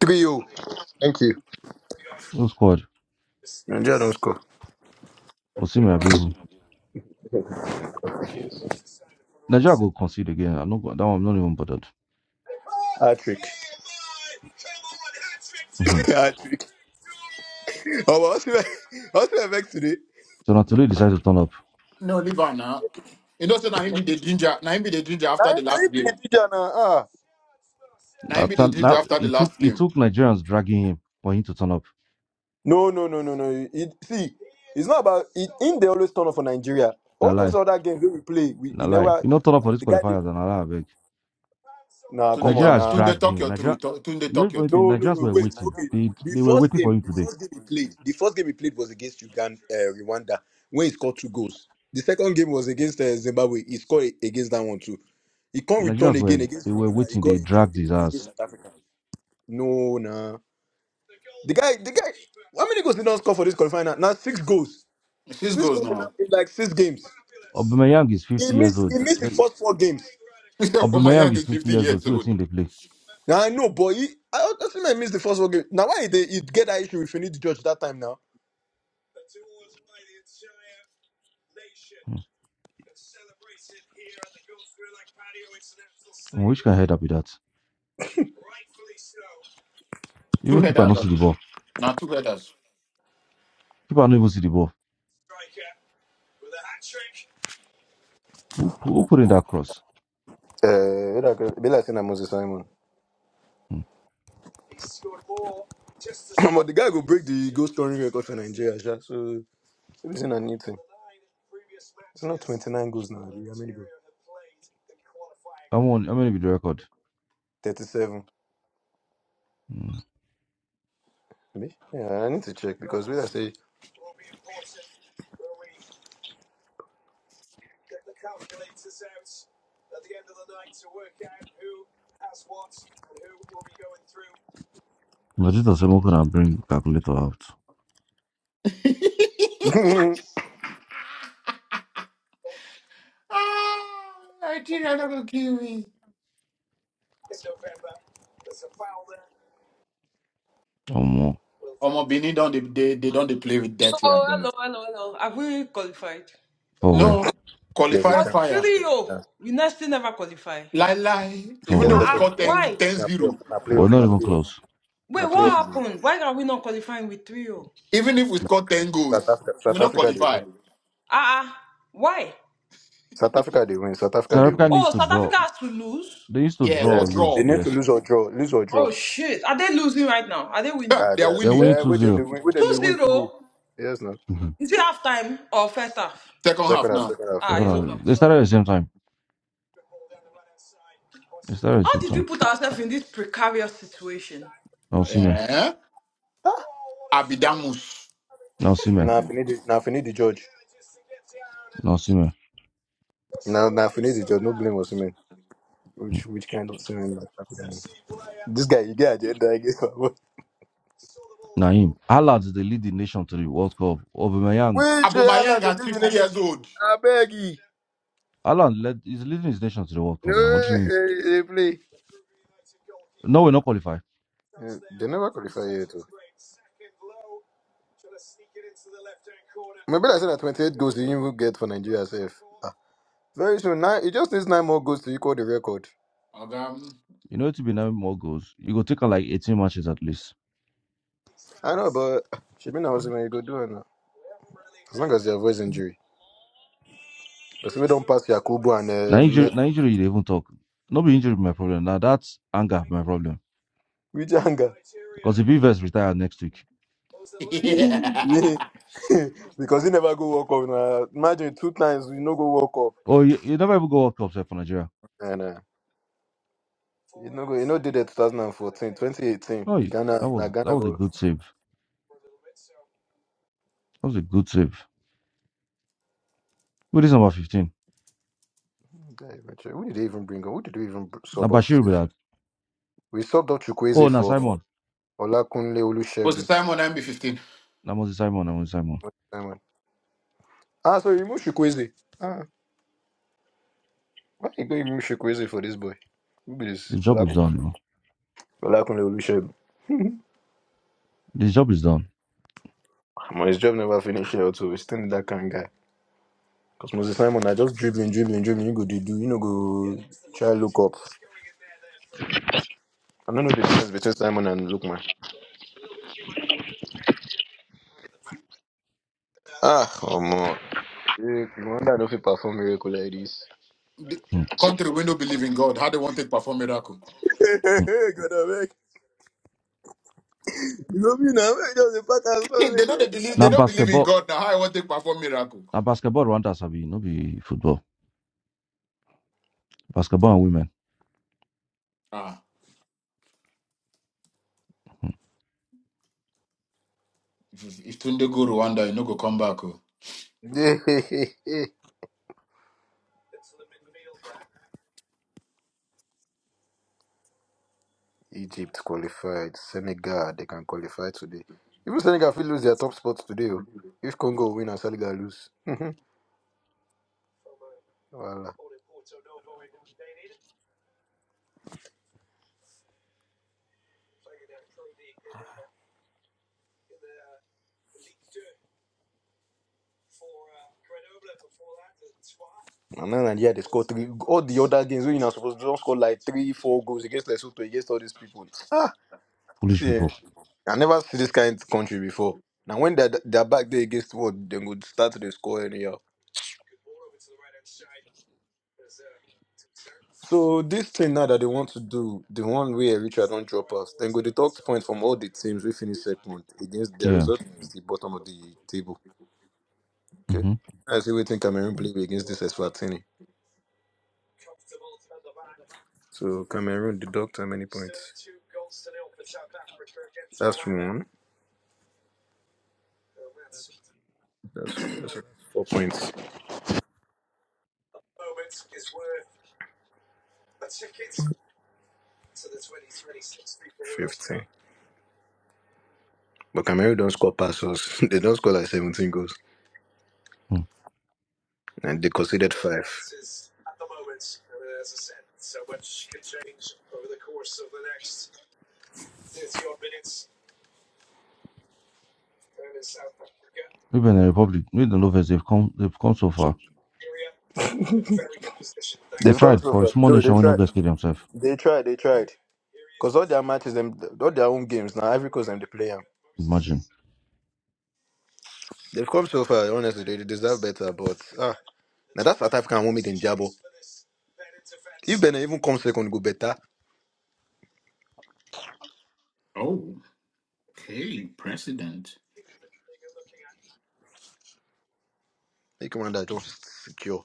Speaker 2: three zero. Thank you.
Speaker 1: No squad.
Speaker 2: Nigeria don't score.
Speaker 1: Osimhen Abihu. Nigeria go concede again. I'm not go- that one I'm not even bothered. Mm-hmm.
Speaker 2: Ah, trick. Oh, what's the what's the vex today?
Speaker 1: So now today he decided to turn up.
Speaker 3: No, leave on now. You know, so now him be the ginger. Now him be the ginger
Speaker 2: Now,
Speaker 3: after the
Speaker 2: now he
Speaker 3: last
Speaker 2: been a
Speaker 3: game.
Speaker 2: teacher now. Ah,
Speaker 3: Now him
Speaker 1: After
Speaker 3: be the ginger
Speaker 1: now
Speaker 3: after the
Speaker 1: it took
Speaker 3: last
Speaker 1: it
Speaker 3: game.
Speaker 1: took Nigerians dragging him for him to turn up.
Speaker 2: no, no, no, no, no. It, see, it's not about it. In they always turn up for Nigeria.
Speaker 1: Na
Speaker 2: All those
Speaker 1: lie,
Speaker 2: other games wey we play, we he
Speaker 1: na lie.
Speaker 2: never
Speaker 1: You not turn up for this
Speaker 2: the guy. Did,
Speaker 1: qualifier, then na lie, I
Speaker 2: nah,
Speaker 3: Tunde
Speaker 2: come on,
Speaker 1: Nigeria has
Speaker 3: talk,
Speaker 2: nah.
Speaker 3: Tunde
Speaker 1: dragged
Speaker 3: talk
Speaker 1: him.
Speaker 3: your
Speaker 1: Nigeria,
Speaker 3: truth. Talk- Tunde
Speaker 1: you know
Speaker 3: talk
Speaker 1: the
Speaker 3: your
Speaker 1: funny thing.
Speaker 3: truth.
Speaker 2: No, no,
Speaker 1: Nigerians
Speaker 2: no,
Speaker 1: were
Speaker 2: wait.
Speaker 1: waiting.
Speaker 2: Okay,
Speaker 1: They
Speaker 2: the
Speaker 1: they were
Speaker 2: first
Speaker 1: waiting for
Speaker 2: game,
Speaker 1: him
Speaker 2: the
Speaker 1: today.
Speaker 2: first game he played, the first game he played was against Uganda, uh, Rwanda, when he scored two goals. The second game was against uh, Zimbabwe. He scored against that one too. He can't return
Speaker 1: Nigerians were
Speaker 2: again against
Speaker 1: they were
Speaker 2: Rwanda. He
Speaker 1: waiting.
Speaker 2: got
Speaker 1: They
Speaker 2: injured.
Speaker 1: dragged
Speaker 2: He
Speaker 1: his
Speaker 2: played against
Speaker 1: ass.
Speaker 2: South Africa. No, nah. The guy, the guy. How many goals did not score for this qualifying? Now Now six goals.
Speaker 3: Six
Speaker 2: Six
Speaker 3: goals
Speaker 2: goals in,
Speaker 3: now.
Speaker 2: in like six games.
Speaker 1: Aubameyang is
Speaker 2: He
Speaker 1: 50 years
Speaker 2: missed. He
Speaker 1: old. The-
Speaker 2: missed the
Speaker 1: the-
Speaker 2: first four games.
Speaker 3: For my
Speaker 1: Aubameyang
Speaker 3: young
Speaker 1: is
Speaker 3: is
Speaker 1: 50
Speaker 3: 50
Speaker 1: years old.
Speaker 3: years
Speaker 1: See what
Speaker 3: old.
Speaker 1: team they play.
Speaker 2: Now I know, boy. He, I also think I missed the first four games. Now why did he get that issue with Finidi George that time now?
Speaker 1: Hmm. Hmm, Which can head up with that?
Speaker 3: Two
Speaker 1: Even keeper not
Speaker 3: headers.
Speaker 1: see the ball.
Speaker 3: Now two headers.
Speaker 1: Keeper not even see the ball. Who, who put in that cross?
Speaker 2: Uh, it be like say Moses Simon.
Speaker 1: Hmm.
Speaker 2: But the guy go break the goal scoring record for Nigeria, sha. So maybe saying a new thing. 39 goals now.
Speaker 1: I want. I mean, with the record.
Speaker 2: 37.
Speaker 1: Hmm.
Speaker 2: Me? Yeah, I need to check because we I say
Speaker 1: Vegeta said, could not bring Calculator out?
Speaker 3: Ah, Nigeria not gonna kill me.
Speaker 1: Or more.
Speaker 3: Omo Benin don't they, they, they don't they play with
Speaker 5: So
Speaker 3: dirty again.
Speaker 5: hello, hello, hello. Have we qualified?
Speaker 1: For where?
Speaker 3: No,
Speaker 2: there's a
Speaker 3: qualifying
Speaker 5: What
Speaker 2: chance.
Speaker 3: fire.
Speaker 5: three
Speaker 2: There's a
Speaker 5: oh
Speaker 2: chance.
Speaker 5: we next still never qualify.
Speaker 3: Lie lie.
Speaker 1: For
Speaker 3: Even
Speaker 2: Get
Speaker 3: though
Speaker 5: Ah
Speaker 1: where?
Speaker 3: we
Speaker 2: second.
Speaker 5: ah.
Speaker 3: score ten
Speaker 5: why?
Speaker 3: ten
Speaker 2: Na
Speaker 3: zero.
Speaker 2: playoff. Na
Speaker 1: We're
Speaker 2: playoff.
Speaker 1: not
Speaker 2: Na
Speaker 1: even
Speaker 2: playoff.
Speaker 1: close.
Speaker 5: Wait,
Speaker 2: Na playoff.
Speaker 5: what
Speaker 2: we
Speaker 5: happened? Why are we not qualifying with three oh?
Speaker 3: even if we score 10
Speaker 2: South
Speaker 3: goals,
Speaker 2: Africa.
Speaker 3: we
Speaker 2: South
Speaker 3: not
Speaker 2: Africa they
Speaker 3: qualify.
Speaker 2: win.
Speaker 5: Ah ah. why?
Speaker 2: South Africa they win. South Africa
Speaker 1: South
Speaker 2: they
Speaker 1: Africa
Speaker 2: win.
Speaker 1: needs
Speaker 5: Oh,
Speaker 1: to
Speaker 5: South
Speaker 1: draw.
Speaker 5: Africa has to lose.
Speaker 1: They used to
Speaker 3: Yeah,
Speaker 1: draw
Speaker 3: or
Speaker 1: or
Speaker 2: Yes.
Speaker 1: lose,
Speaker 2: They
Speaker 3: draw.
Speaker 2: need to
Speaker 1: yes.
Speaker 2: lose or draw. Lose or
Speaker 5: Oh
Speaker 2: draw.
Speaker 5: shit. Are they losing right now? Are they
Speaker 3: Ha,
Speaker 5: winning?
Speaker 2: Yeah,
Speaker 3: they
Speaker 2: they
Speaker 3: are
Speaker 2: are.
Speaker 1: They're
Speaker 3: winning.
Speaker 1: winning
Speaker 2: Yeah,
Speaker 1: 2
Speaker 2: where they they
Speaker 1: 0.
Speaker 2: win. Where they
Speaker 5: Two
Speaker 2: they win
Speaker 5: zero.
Speaker 2: two. Yes, no.
Speaker 1: Mhm.
Speaker 5: Is it half time or first half?
Speaker 3: Second half
Speaker 2: Second half.
Speaker 3: now.
Speaker 2: Second half.
Speaker 1: They're
Speaker 5: Ah, it's
Speaker 2: Second half.
Speaker 5: over.
Speaker 1: gonna- They
Speaker 5: So
Speaker 1: started at the same time. They started at the
Speaker 5: how
Speaker 1: same
Speaker 5: did we
Speaker 1: time.
Speaker 5: put ourselves in this precarious situation?
Speaker 1: Now see me.
Speaker 3: Yeah. Abidamus.
Speaker 1: Now see
Speaker 2: And
Speaker 1: me.
Speaker 2: now if you need, now if you need the judge.
Speaker 1: Now see me.
Speaker 2: What's Which which kind of semen? This guy, you get agenda against my boy.
Speaker 1: Naim. Haaland, is the leading nation to the World Cup. Aubameyang.
Speaker 2: Which hell are
Speaker 3: Abumayang
Speaker 2: the
Speaker 3: at 50
Speaker 2: legion?
Speaker 3: years old.
Speaker 2: I beg you.
Speaker 1: Haaland led, is leading his nation to the World
Speaker 2: No,
Speaker 1: Cup now. What do you mean?
Speaker 2: hey, hey, play.
Speaker 1: No, we're not qualified.
Speaker 2: Maybe I said that 28 goals you even get for Nigeria safe. Ah, very soon. Nine, it just needs nine more goals to equal the record.
Speaker 3: Agam.
Speaker 1: You know, it will be nine more goals. You go take on like 18 matches at least.
Speaker 2: I know, but should be now when you go do it now. As long as you avoid injury. Because we don't pass Yakubu and
Speaker 1: Now
Speaker 2: uh,
Speaker 1: injury,
Speaker 2: Me-
Speaker 1: now injury, You they even talk. No be injury be my problem. Now that's anger be my problem.
Speaker 2: Wijanga.
Speaker 1: Because if Rivers retire next week,
Speaker 3: yeah.
Speaker 2: Yeah. because he never go walk off. Now. Imagine two times we no go walk off.
Speaker 1: oh, you, you never even go World Cup sef for Nigeria.
Speaker 2: And, uh, know, you know, did it 2014, 2018.
Speaker 1: No, you-
Speaker 2: Ghana,
Speaker 1: that was
Speaker 2: na
Speaker 1: that
Speaker 2: Ghana
Speaker 1: was
Speaker 2: go.
Speaker 1: a good save. That was a good save. Who is number fifteen?
Speaker 2: Yeah, eventually. Who did they even bring on? Who did we even br-
Speaker 1: Now
Speaker 2: sub off
Speaker 1: Bashir be
Speaker 2: safe?
Speaker 1: that.
Speaker 2: We subbed off
Speaker 1: Oh,
Speaker 2: Chukwueze
Speaker 1: now
Speaker 2: for
Speaker 1: Simon.
Speaker 2: Olakunle
Speaker 3: Was the
Speaker 2: Olusegun.
Speaker 3: Simon MB15?
Speaker 1: Now Moses Simon. Now Moses Simon.
Speaker 2: Simon. Ah, sorry, remove Chukwueze. Ah, why you going to remove Chukwueze for this boy? Who be
Speaker 1: The
Speaker 2: this?
Speaker 1: job is
Speaker 2: Olak-
Speaker 1: done. You know.
Speaker 2: Olakunle Olusegun.
Speaker 1: The job is done.
Speaker 2: Ah, Man, his job never finished here, too. We still need that kind of guy. Because Moses Simon, I just dribbling, dribbling, dribbling. You go to do, you know, go try look up. I don't know the difference between Simon and Lookman. Ah, oh, man. You wonder I he not feel perform miracle like this.
Speaker 3: The
Speaker 1: Hmm,
Speaker 3: country we don't believe in God. How they want to perform miracle?
Speaker 2: Hey, hey,
Speaker 1: hmm.
Speaker 2: hey, God, I beg. Go me doesn't matter as
Speaker 3: they they don't they believe.
Speaker 1: Now
Speaker 3: They don't believe in
Speaker 1: basketball.
Speaker 3: God. Now how I want to perform miracle?
Speaker 1: Now basketball. Rwanda sabi. No be football. Basketball and women.
Speaker 3: Ah, if, if Tunde go Rwanda, you no go come back. Oh,
Speaker 2: go. Egypt qualified. Senegal, they can qualify today. Even Senegal will lose their top spot today. oh. If Congo win and Senegal lose. Voila. And then Nigeria, they score three. All the other games, when you're supposed to don't score like three, four goals against Lesotho, against all these people. Ah,
Speaker 1: Foolish
Speaker 2: see, eh,
Speaker 1: people.
Speaker 2: I never see this kind of country before. Now, when they're, they're back there against what, they would start to dey score anyhow. So, this thing now that they want to do, the one way Richard point from all the teams we finished second against their
Speaker 1: Yeah.
Speaker 2: result is the bottom of the table. Okay.
Speaker 1: Mm-hmm.
Speaker 2: I see we think Cameroon played against this Eswatini. So Cameroon deduct how many points? That's four points. See. But Cameroon don't score passes. they don't score like seventeen goals.
Speaker 1: Hmm.
Speaker 2: And they conceded five.
Speaker 1: Women in the Republic. We don't know if they've come. They've come so far. They
Speaker 2: They've come
Speaker 1: tried,
Speaker 2: so
Speaker 1: but
Speaker 2: far.
Speaker 1: it's more
Speaker 2: No, they
Speaker 1: nation when no
Speaker 2: tried.
Speaker 1: get killed themselves.
Speaker 2: They tried, they tried. Because all their matches, them all their own games now, Ivory Coast them they play 'em.
Speaker 1: Imagine.
Speaker 2: They've come so far, honestly, they they deserve better, but ah now that's South African woman in Jabo. If Benin even comes second, go better.
Speaker 3: Oh, okay, president.
Speaker 2: Make one that just secure.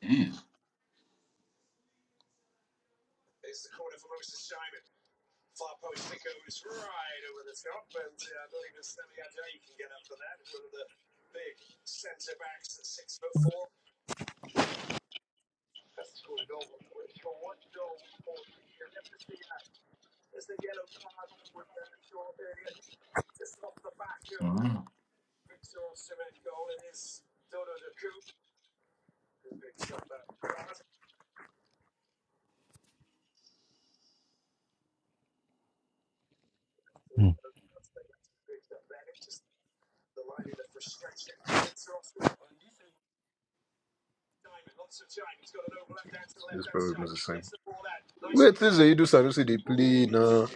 Speaker 3: Damn. Wow.
Speaker 1: Mm,
Speaker 2: This is the Idu Sanusi they play now.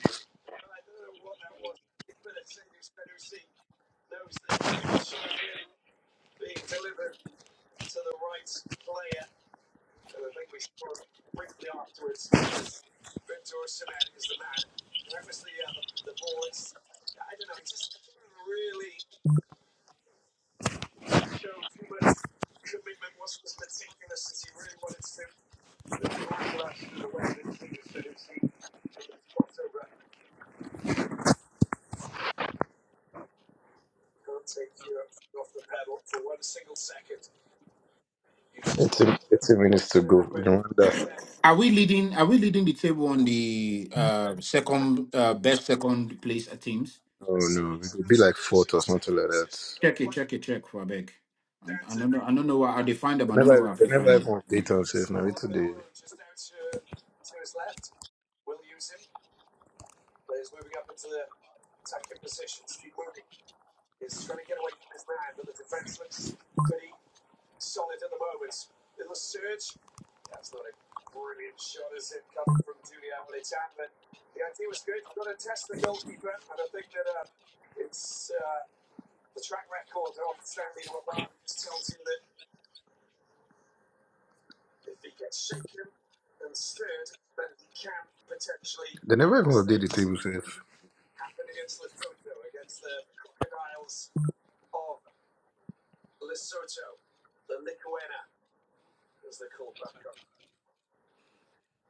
Speaker 2: It's a, it's a minister.
Speaker 3: Are we leading? Are we leading the table on the uh, second uh, best second place teams? Check it, check it, check for a beg. I, I don't know. I don't know where I they find them.
Speaker 2: They
Speaker 3: I don't know where
Speaker 2: never,
Speaker 3: I
Speaker 2: they
Speaker 3: fi find
Speaker 2: never even
Speaker 3: them.
Speaker 2: update us. They never even update the table safe.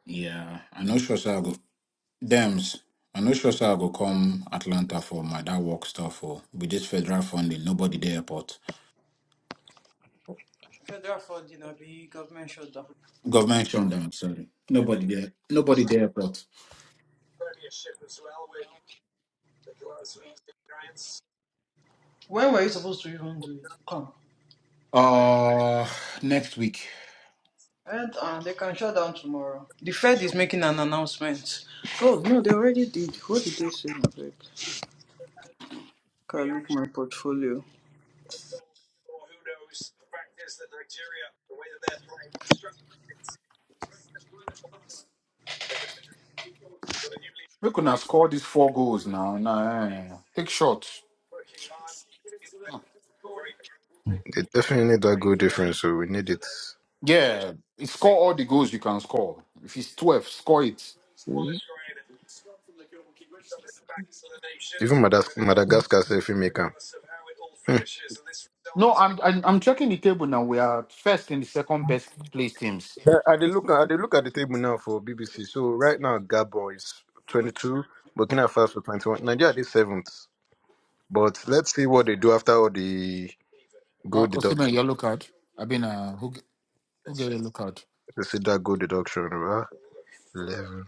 Speaker 3: Yeah, I know sure say I go. Dems, I know sure say I go come Atlanta for my that work stuff. For with this federal funding, nobody there.
Speaker 5: Federal fraud, you know, be government shutdown.
Speaker 3: Government shutdown, sorry. Nobody there. Nobody there but
Speaker 5: When were you supposed to even do it? Come.
Speaker 3: uh next week.
Speaker 5: And uh, they can shut down tomorrow. The Fed is making an announcement. Oh no, they already did. What did they say? my Can I look my portfolio.
Speaker 3: We could score these four goals now. Nah, eh. Take shots.
Speaker 1: mm.
Speaker 2: They definitely don't. So we need this.
Speaker 3: Yeah. you Score all the goals you can score. If it's 12, score it.
Speaker 2: Madagascar safe me.
Speaker 3: No, I'm I'm, I'm checking the table now. We are first in the second best place teams.
Speaker 2: I they look at they look at the table now for BBC. So right now Gabon is twenty two, Burkina Faso twenty one, Nigeria is seventh. But let's see what they do after all the goal
Speaker 3: Uh Osimhen,
Speaker 2: deduction.
Speaker 3: yellow card. I mean uh who g- who get a yellow card?
Speaker 2: Let's see that goal deduction. Right? Eleven.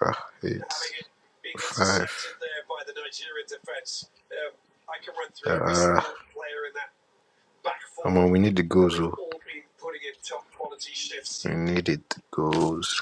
Speaker 2: Ah, hey. Well, we need the goals. oh. We need it the goals.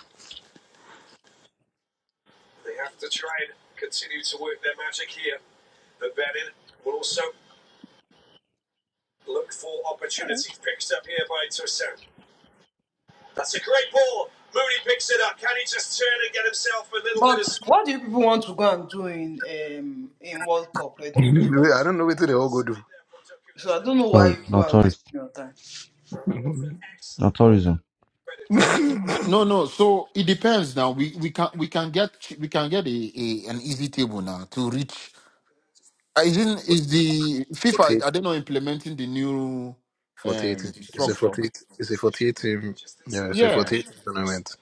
Speaker 5: But what do you people want to go and do in um in World Cup anyway?
Speaker 2: I don't know whether the whole
Speaker 5: So I don't know why you
Speaker 1: Sorry,
Speaker 5: people
Speaker 1: not
Speaker 5: are wasting
Speaker 1: tourist,
Speaker 5: your time.
Speaker 1: not tourism.
Speaker 3: No, no. So it depends now. We we can we can get we can get a, a an easy table now to reach Isn't is the FIFA?
Speaker 2: 48,
Speaker 3: Are they not implementing the new um
Speaker 2: 48. It's a
Speaker 3: structure.
Speaker 2: 48. It's a 48 team. Yeah, it's a
Speaker 3: Yeah,
Speaker 2: 48 team tournament.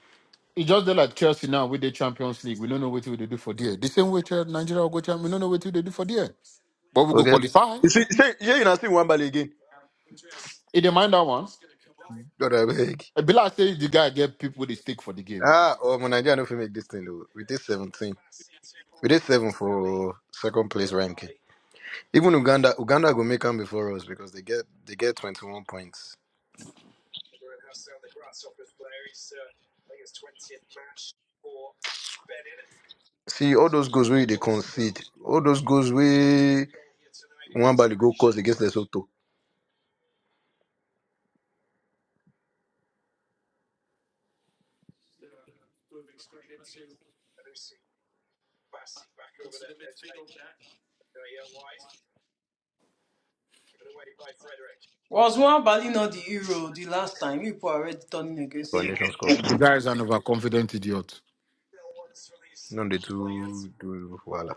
Speaker 3: it's just that like Chelsea now with the Champions League, we don't know what they do for there. The same way Chel- Nigeria will go champ, we don't know what they do for there. But we go
Speaker 2: Forget.
Speaker 3: qualify.
Speaker 2: You see, say, yeah, you know, see one ball again.
Speaker 3: It didn't mind that one.
Speaker 2: God, I beg.
Speaker 3: Bila says the guy get people with a stick for the game.
Speaker 2: Ah, oh, my Nigeria no fit make this thing though. We did 17. We did 7 for second place ranking. Even Uganda, Uganda go make them before us because they get they get 21 points. See, all those goals where they concede, all those goals where the goal cause against Lesotho
Speaker 5: Was one Bali not the hero the last time? You people are already turning against
Speaker 2: for
Speaker 5: him.
Speaker 2: Nations Cup.
Speaker 3: The guy is an overconfident idiot.
Speaker 2: Don't they do, do, voila.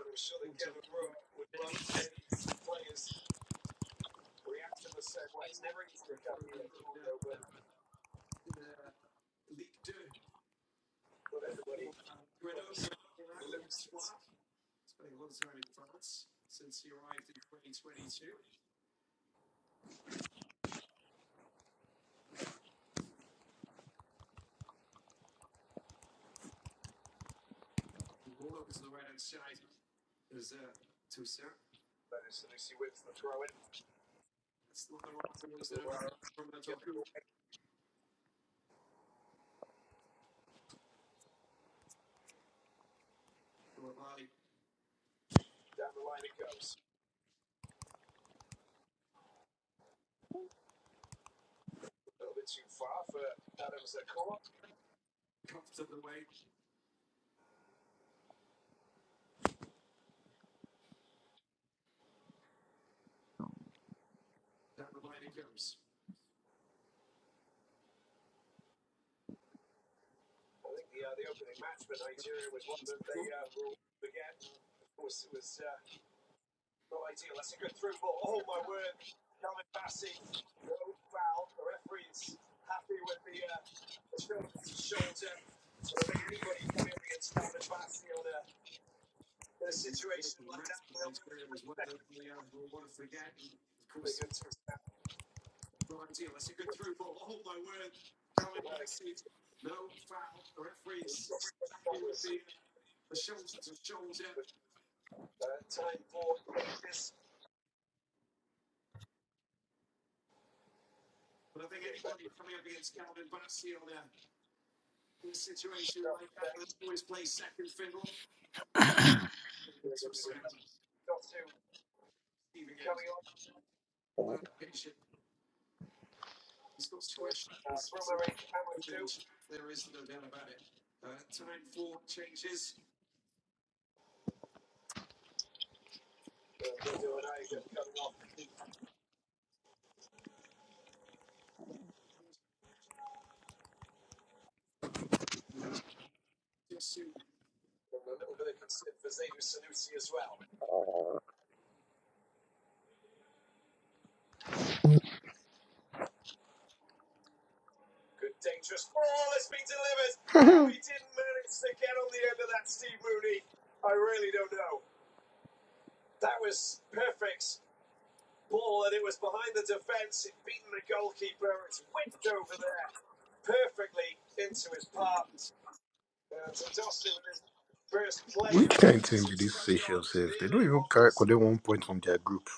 Speaker 2: They one point from their group.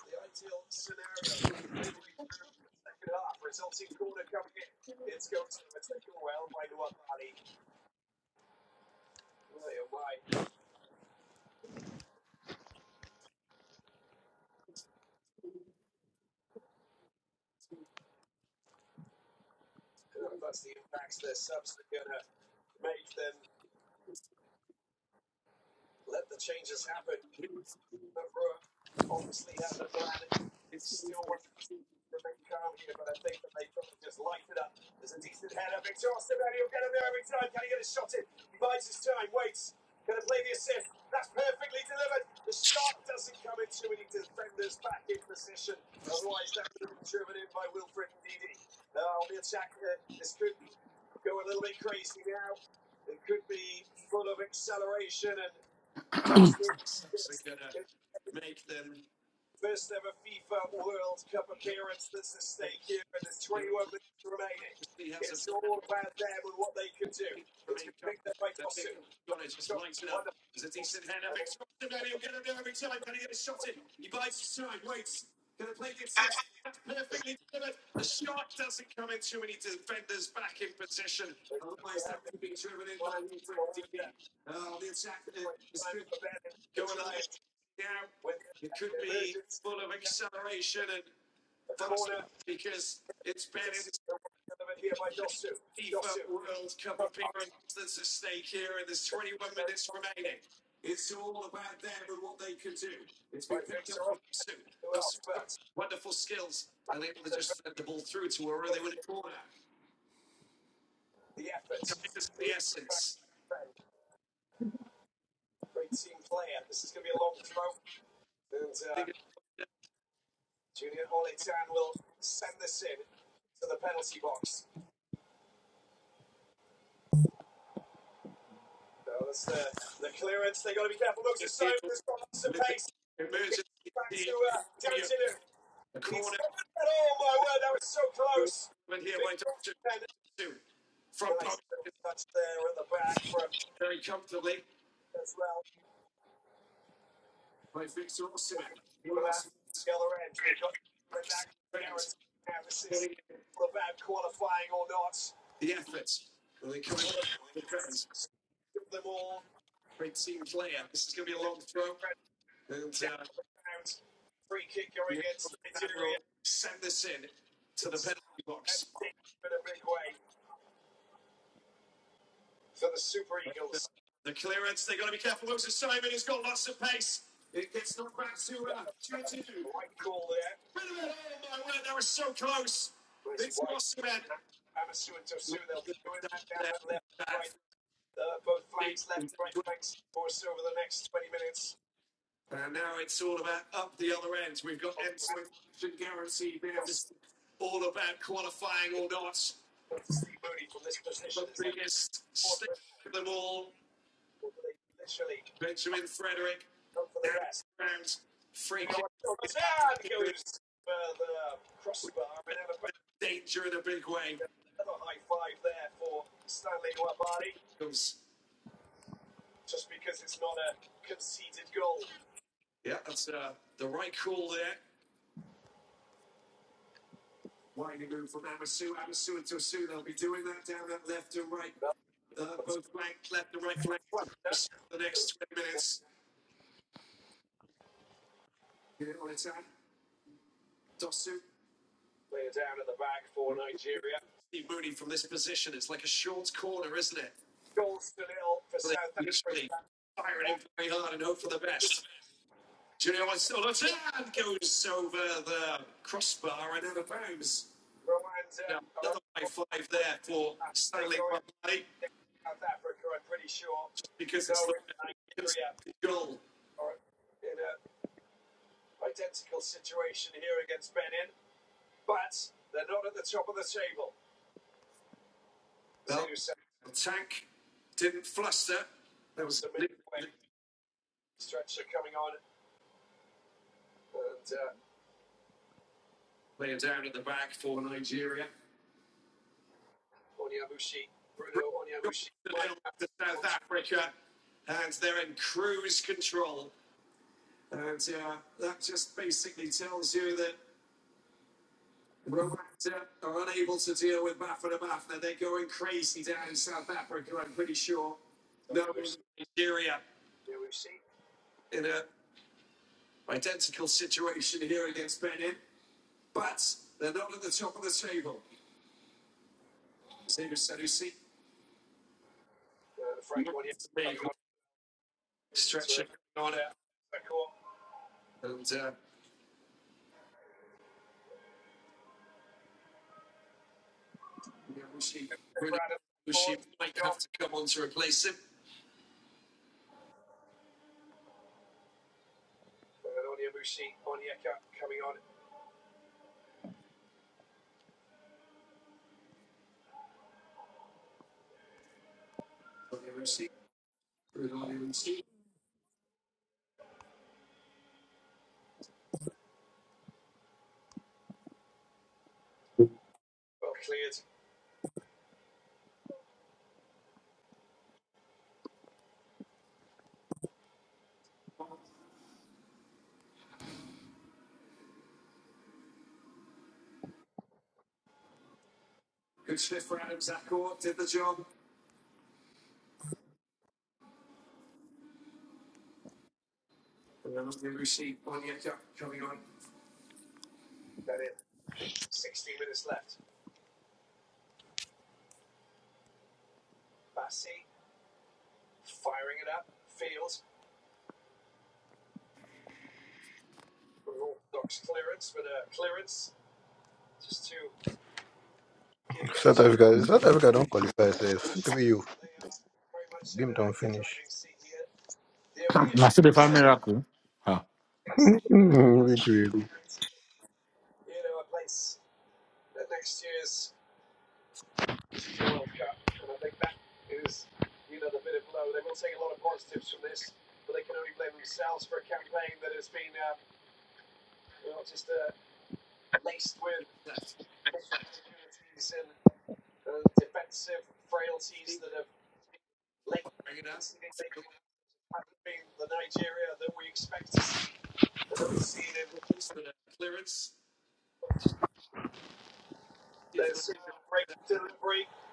Speaker 2: South Africa, South Africa don't qualify safe. Three you.
Speaker 3: Now see the find miracle. Huh.
Speaker 2: Which way go?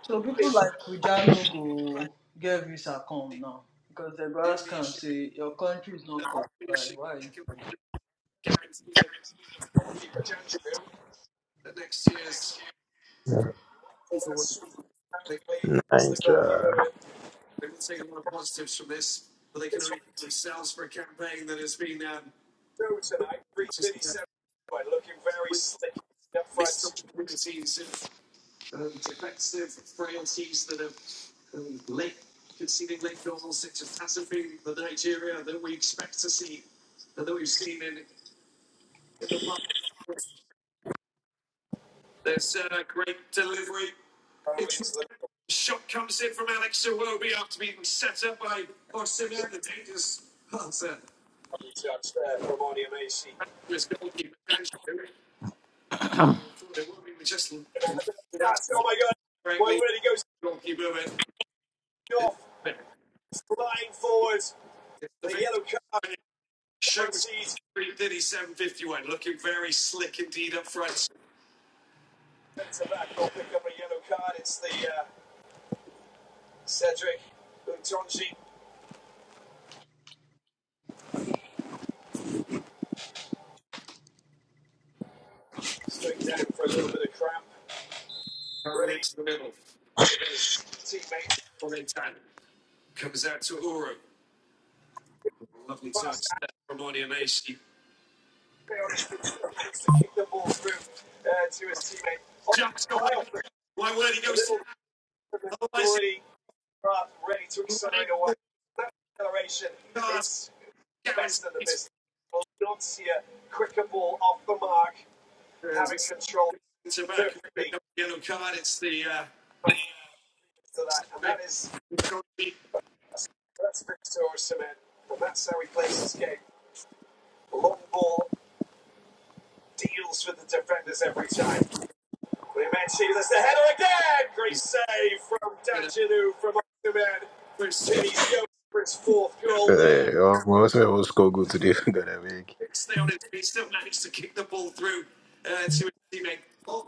Speaker 5: So people like Kujano go get visa come now because the go can say your country is not qualified. Why?
Speaker 2: Yeah, my husband will score goal today. God, I beg.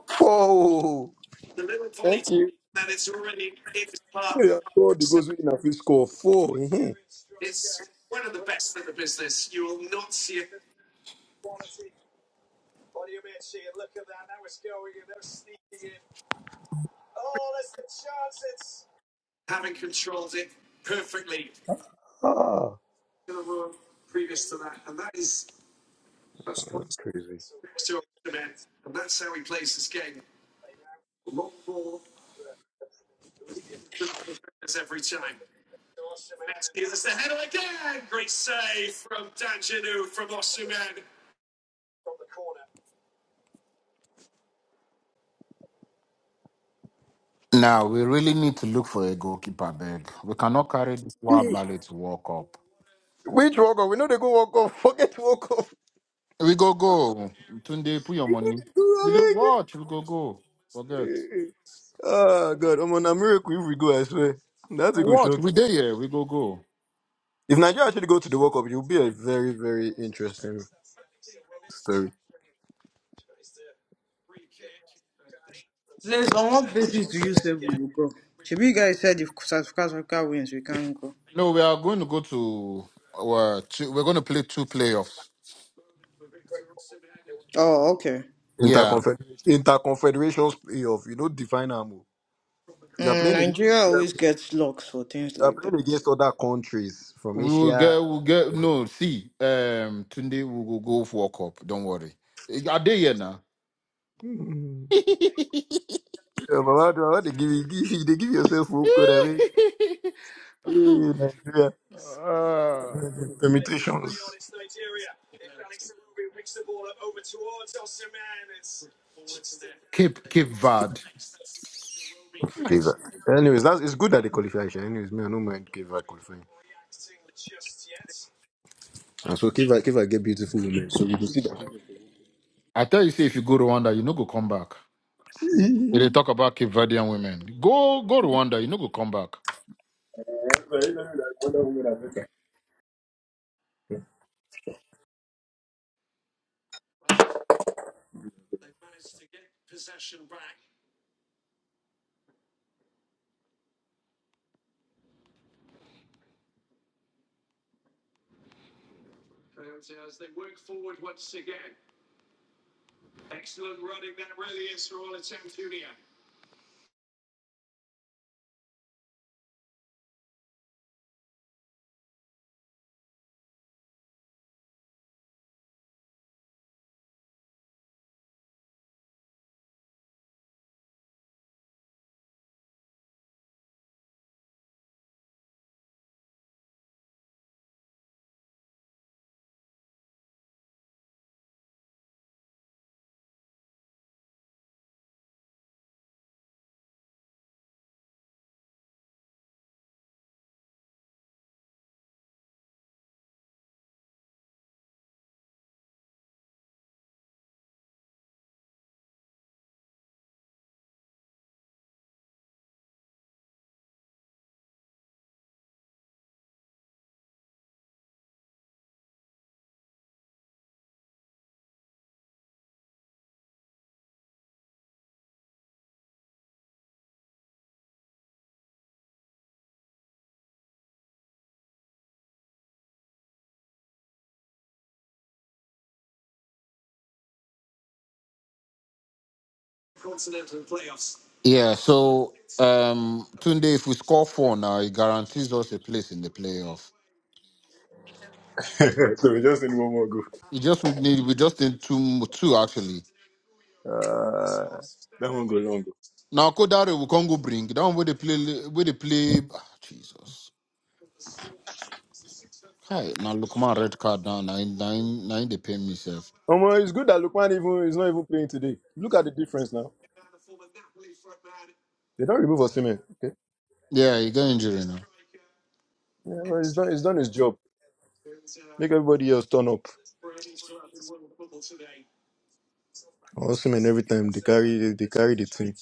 Speaker 2: Four. Thank you. Yeah, four. The goals win. I fit score four. Mhm. ah, crazy.
Speaker 3: Now we really need to look for a goalkeeper, beg. We cannot carry this war ballet to walk up.
Speaker 2: Which walk off? We know they go walk off. Forget walk off.
Speaker 3: We go go. Tunde, put your money. We do
Speaker 2: I beg.
Speaker 3: watch. We go go. Forget.
Speaker 2: Ah, God, I'm on a miracle if we go. I swear. That's a good
Speaker 3: Watch.
Speaker 2: shock.
Speaker 3: We there. Yeah. We go go.
Speaker 2: If Nigeria actually go to the World Cup, it will be a very, very interesting
Speaker 5: Please, on what basis do you say we will go? Should you guys said if South Africa wins, we can go.
Speaker 3: No, we are going to go to. Uh, two, we're going to play two playoffs.
Speaker 5: Oh, okay.
Speaker 3: Yeah.
Speaker 2: interconfederation interconfederations playoff. You know, define am. You are
Speaker 5: Mm,
Speaker 2: playing against,
Speaker 5: Nigeria
Speaker 2: you are
Speaker 5: always gets locks for things
Speaker 2: you are
Speaker 5: like
Speaker 2: playing
Speaker 5: that.
Speaker 2: against other countries from
Speaker 3: We will get.
Speaker 2: Asia.
Speaker 3: We'll get. No, see. Um, Tunde we will go go for a cup. Don't worry. Eh, Are they here now?
Speaker 2: Hmm. Yeah, but what, what they give you, give you, they give yourself home code. I mean, hey, Nigeria.
Speaker 3: uh,
Speaker 2: Permit
Speaker 3: Cape Cape Verde. Hi.
Speaker 2: Kiva. Anyways, that's it's good that they qualify. Sha. Anyways, me, I don't mind Kiva qualifying. And so Kiva, Kiva get beautiful women. So we can see
Speaker 3: I tell you, say if you go Rwanda, you no go come back. They talk about Cape Verdean women. Go go Rwanda, you know go come back. Yeah, so um Tunde, if we score four now, it guarantees us a place in the playoff.
Speaker 2: that. so we just need one more go.
Speaker 3: You just would need we just need two mo- two actually.
Speaker 2: Uh, that one go long.
Speaker 3: Now Kodare will Congo bring that one where they play where they play ah, Jesus. Hi, now look my red card now nine nine nine they pay me self.
Speaker 2: Omo, it's good that Lukman even is not even playing today. Look at the difference now. They don't remove Osimhen. Okay,
Speaker 3: Yeah, he got injury now.
Speaker 2: yeah, well, he's done. He's done his job. Make everybody else turn up. Awesome and every time they carry they carry the team.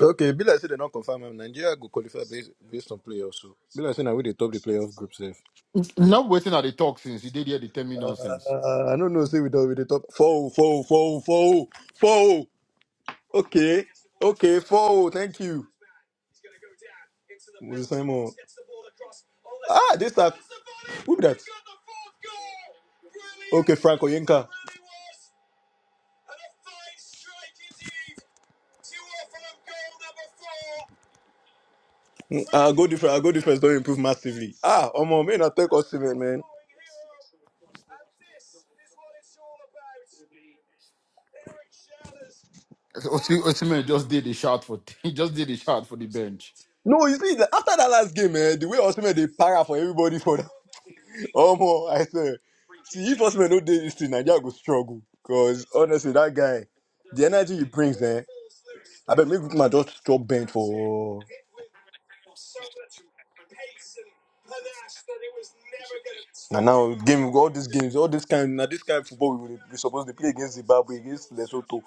Speaker 2: Okay, be like say they don't confirm him. Nigeria go qualify based, based on playoffs. So be like say now we the top the playoff group safe.
Speaker 3: Not waiting at the talk since he did hear the tell me nonsense.
Speaker 2: Uh, I don't know. Say we don't with the top four, oh, four, oh, four, oh, four, oh, four. oh. Okay, okay, four. oh, Thank you, Moses Simon. Ah, this time who be that? Okay, Frank Oyenka. Our goal difference, our goal difference don't improve massively. Ah, Omo, may not take Osimhen, man.
Speaker 3: Osimhen just did a shout for he just did a shout for the bench.
Speaker 2: No, you see, the- after that last game, man, the way Osimhen they para for everybody for that. Omo, I say, see, if Osimhen do do this thing, Nigeria go struggle. Cause honestly, that guy, the energy he brings, eh, I bet maybe my just stop bent for. And now game all these games, all this kind now this kind of football we, we supposed to play against Zimbabwe, against Lesotho.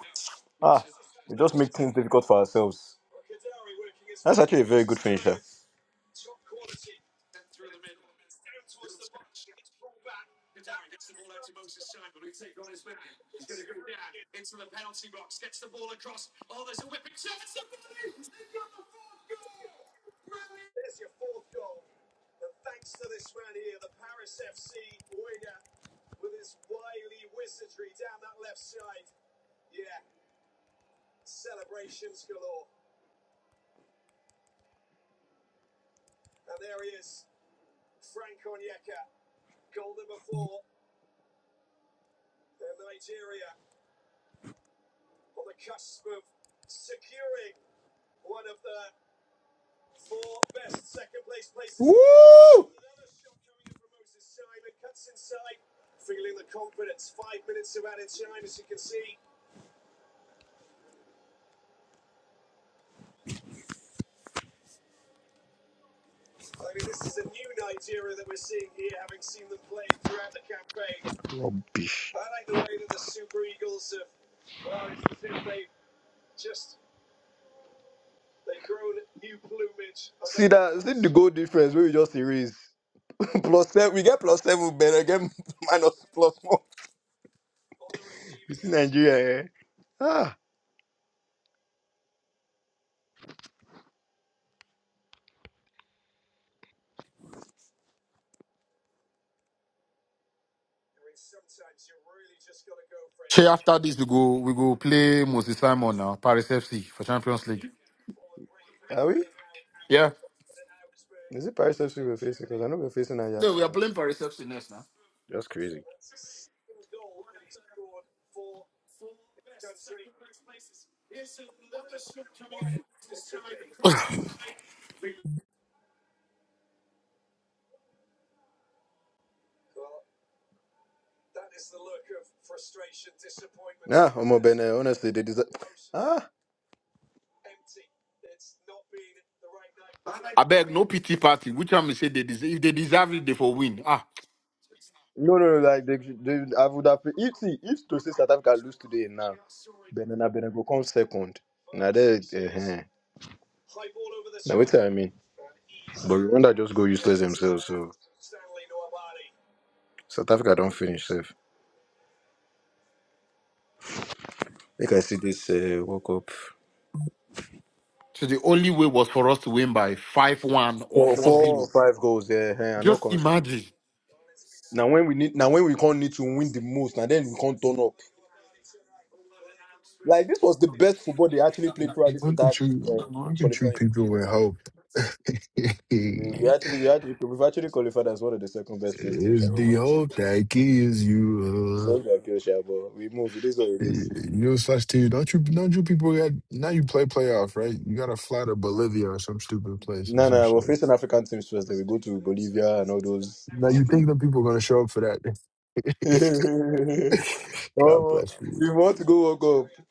Speaker 2: Ah, we just make things difficult for ourselves. Woo! Rubbish. that? See the goal difference where we just erase. plus seven, we get plus seven better, get minus plus one. You see Nigeria, eh? Ah,
Speaker 3: Shay, after this, we go we go play Moses Simon now, Paris FC for Champions League. Yeah.
Speaker 2: is it Paris FC we're facing? Because I know we're facing
Speaker 3: No,
Speaker 2: Ajax
Speaker 3: we
Speaker 2: and
Speaker 3: are
Speaker 2: all
Speaker 3: playing
Speaker 2: this.
Speaker 3: Paris FC next now.
Speaker 2: That's crazy. Ah,
Speaker 3: I beg, no pity party. Which I'm say they deserve, if they deserve it, they for win. Ah,
Speaker 2: no, no, no. Like they, they, I would have. If see, if to say South Africa lose today now. Benin and Benin go come second. Now that uh, I mean, but Rwanda just go use South Africa don't finish safe. Make I see this uh, World Cup.
Speaker 3: so the only way was for us to win by five one or
Speaker 2: Four,
Speaker 3: four
Speaker 2: four
Speaker 3: zero.
Speaker 2: or five goals. Yeah, uh, I know.
Speaker 3: Just imagine.
Speaker 2: Now when we need, now when we can't need to win the most, now then we can't turn up. Like this was the
Speaker 6: Look
Speaker 2: best football they actually played throughout this entire
Speaker 6: at you.
Speaker 2: uh,
Speaker 6: Look at you
Speaker 2: qualifying.
Speaker 6: people with hope.
Speaker 2: We, we
Speaker 6: it's
Speaker 2: actually, we actually, we've actually qualified as one of the second best placed teams. sha.
Speaker 6: the hope that gives you.
Speaker 2: So
Speaker 6: Uh,
Speaker 2: we okay, but we move. It is what it is.
Speaker 6: you're such team. Don't you? Don't you people got? Now you play playoff, right? You got to fly to Bolivia or some stupid place or
Speaker 2: No,
Speaker 6: some
Speaker 2: no, we're
Speaker 6: shit.
Speaker 2: facing African teams first. Then we go to Bolivia and all those.
Speaker 6: Now you think the people are gonna show up for that? God
Speaker 2: Oh,
Speaker 6: bless you.
Speaker 2: you want to go walk up?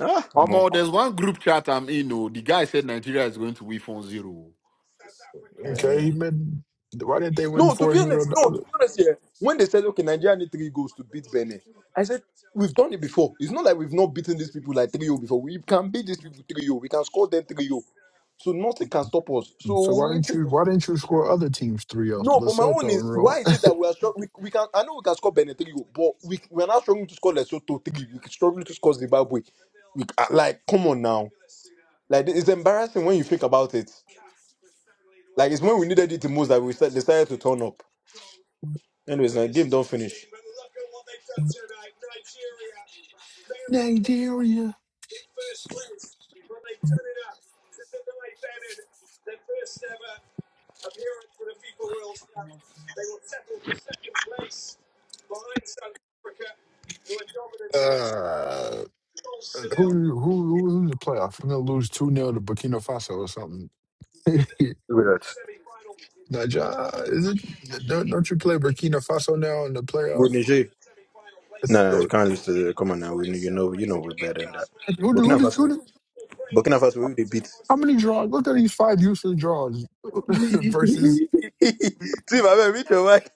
Speaker 2: Ah, come on.
Speaker 3: Omo, there's one group chat I'm in. Oh, the guy said Nigeria is going to win four zero.
Speaker 6: Okay,
Speaker 2: Eh.
Speaker 6: he been. Why didn't they win
Speaker 2: No, to
Speaker 6: four
Speaker 2: be
Speaker 6: zero
Speaker 2: honest,
Speaker 6: to
Speaker 2: no, to
Speaker 6: other?
Speaker 2: be honest, yeah. When they said, okay, Nigeria need three goals to beat Benin, I said, we've done it before. It's not like we've not beaten these people like 3 0 before. We can beat these people 3 0. We can score them 3 0. So nothing can stop us.
Speaker 6: So why
Speaker 2: So it
Speaker 6: didn't
Speaker 2: is.
Speaker 6: you? Why didn't you score other teams three zero?
Speaker 2: No,
Speaker 6: 0
Speaker 2: but my own
Speaker 6: Lesotho and
Speaker 2: is why is
Speaker 6: Rwanda,
Speaker 2: it that we are strong? We, we can I know we can score Benin 3 0, but we, we are not struggling to score Lesotho 3. We can struggle to score Zimbabwe. We, ah, like, come on now. Like, it's embarrassing when you think about it. Like it's when we needed it the most that we sta- decided to turn up. Anyways, the game don't finish.
Speaker 6: Nigeria. Uh, who who who was in the playoff? We're gonna lose two nil to Burkina Faso or something.
Speaker 2: Look at that.
Speaker 6: Niger, is it? Don't, don't you play Burkina Faso now in the
Speaker 2: With
Speaker 6: playoff?
Speaker 2: Niger. No, no, we
Speaker 6: Or,
Speaker 2: can't lose to the come on now. We you know you know we're better than that.
Speaker 6: who did who
Speaker 2: Burkina
Speaker 6: did who
Speaker 2: Faso
Speaker 6: did?
Speaker 2: Burkina Faso we they beat.
Speaker 6: How many draws? Look at these five useless draws versus.
Speaker 2: See, my man, which your mic.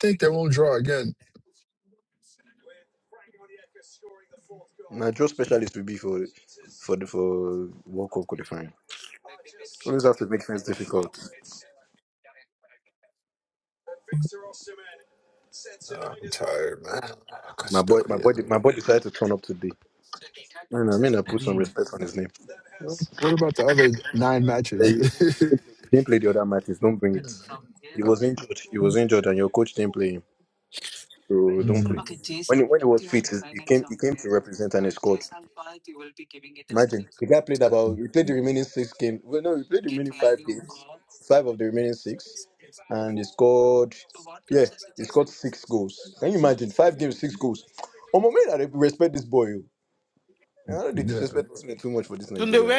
Speaker 6: think they won't draw again.
Speaker 2: Now draw specialist will be for for the for World Cup qualifying. Always have to make things difficult.
Speaker 6: Oh, I'm tired, man.
Speaker 2: My boy, my boy,
Speaker 6: Custodian.
Speaker 2: my boy decided to turn up today. You know, I mean, I put some respect on his name.
Speaker 6: What about the other nine
Speaker 2: Yeah,
Speaker 6: matches?
Speaker 2: He he didn't play the other matches. Don't bring it. He was injured. He was injured, and your coach didn't play him. So don't
Speaker 6: Mm.
Speaker 2: play. When he, when he was fit, he came he came to represent and he scored. Imagine the guy played about. He played the remaining six games. Well, no, he played the remaining five games, five of the remaining six, and he scored. Yeah, he scored six goals. Can you imagine five games, six goals? Oh, my man, I respect this boy. oh. I don't
Speaker 6: Yeah.
Speaker 2: disrespect this man too much for this Nigeria.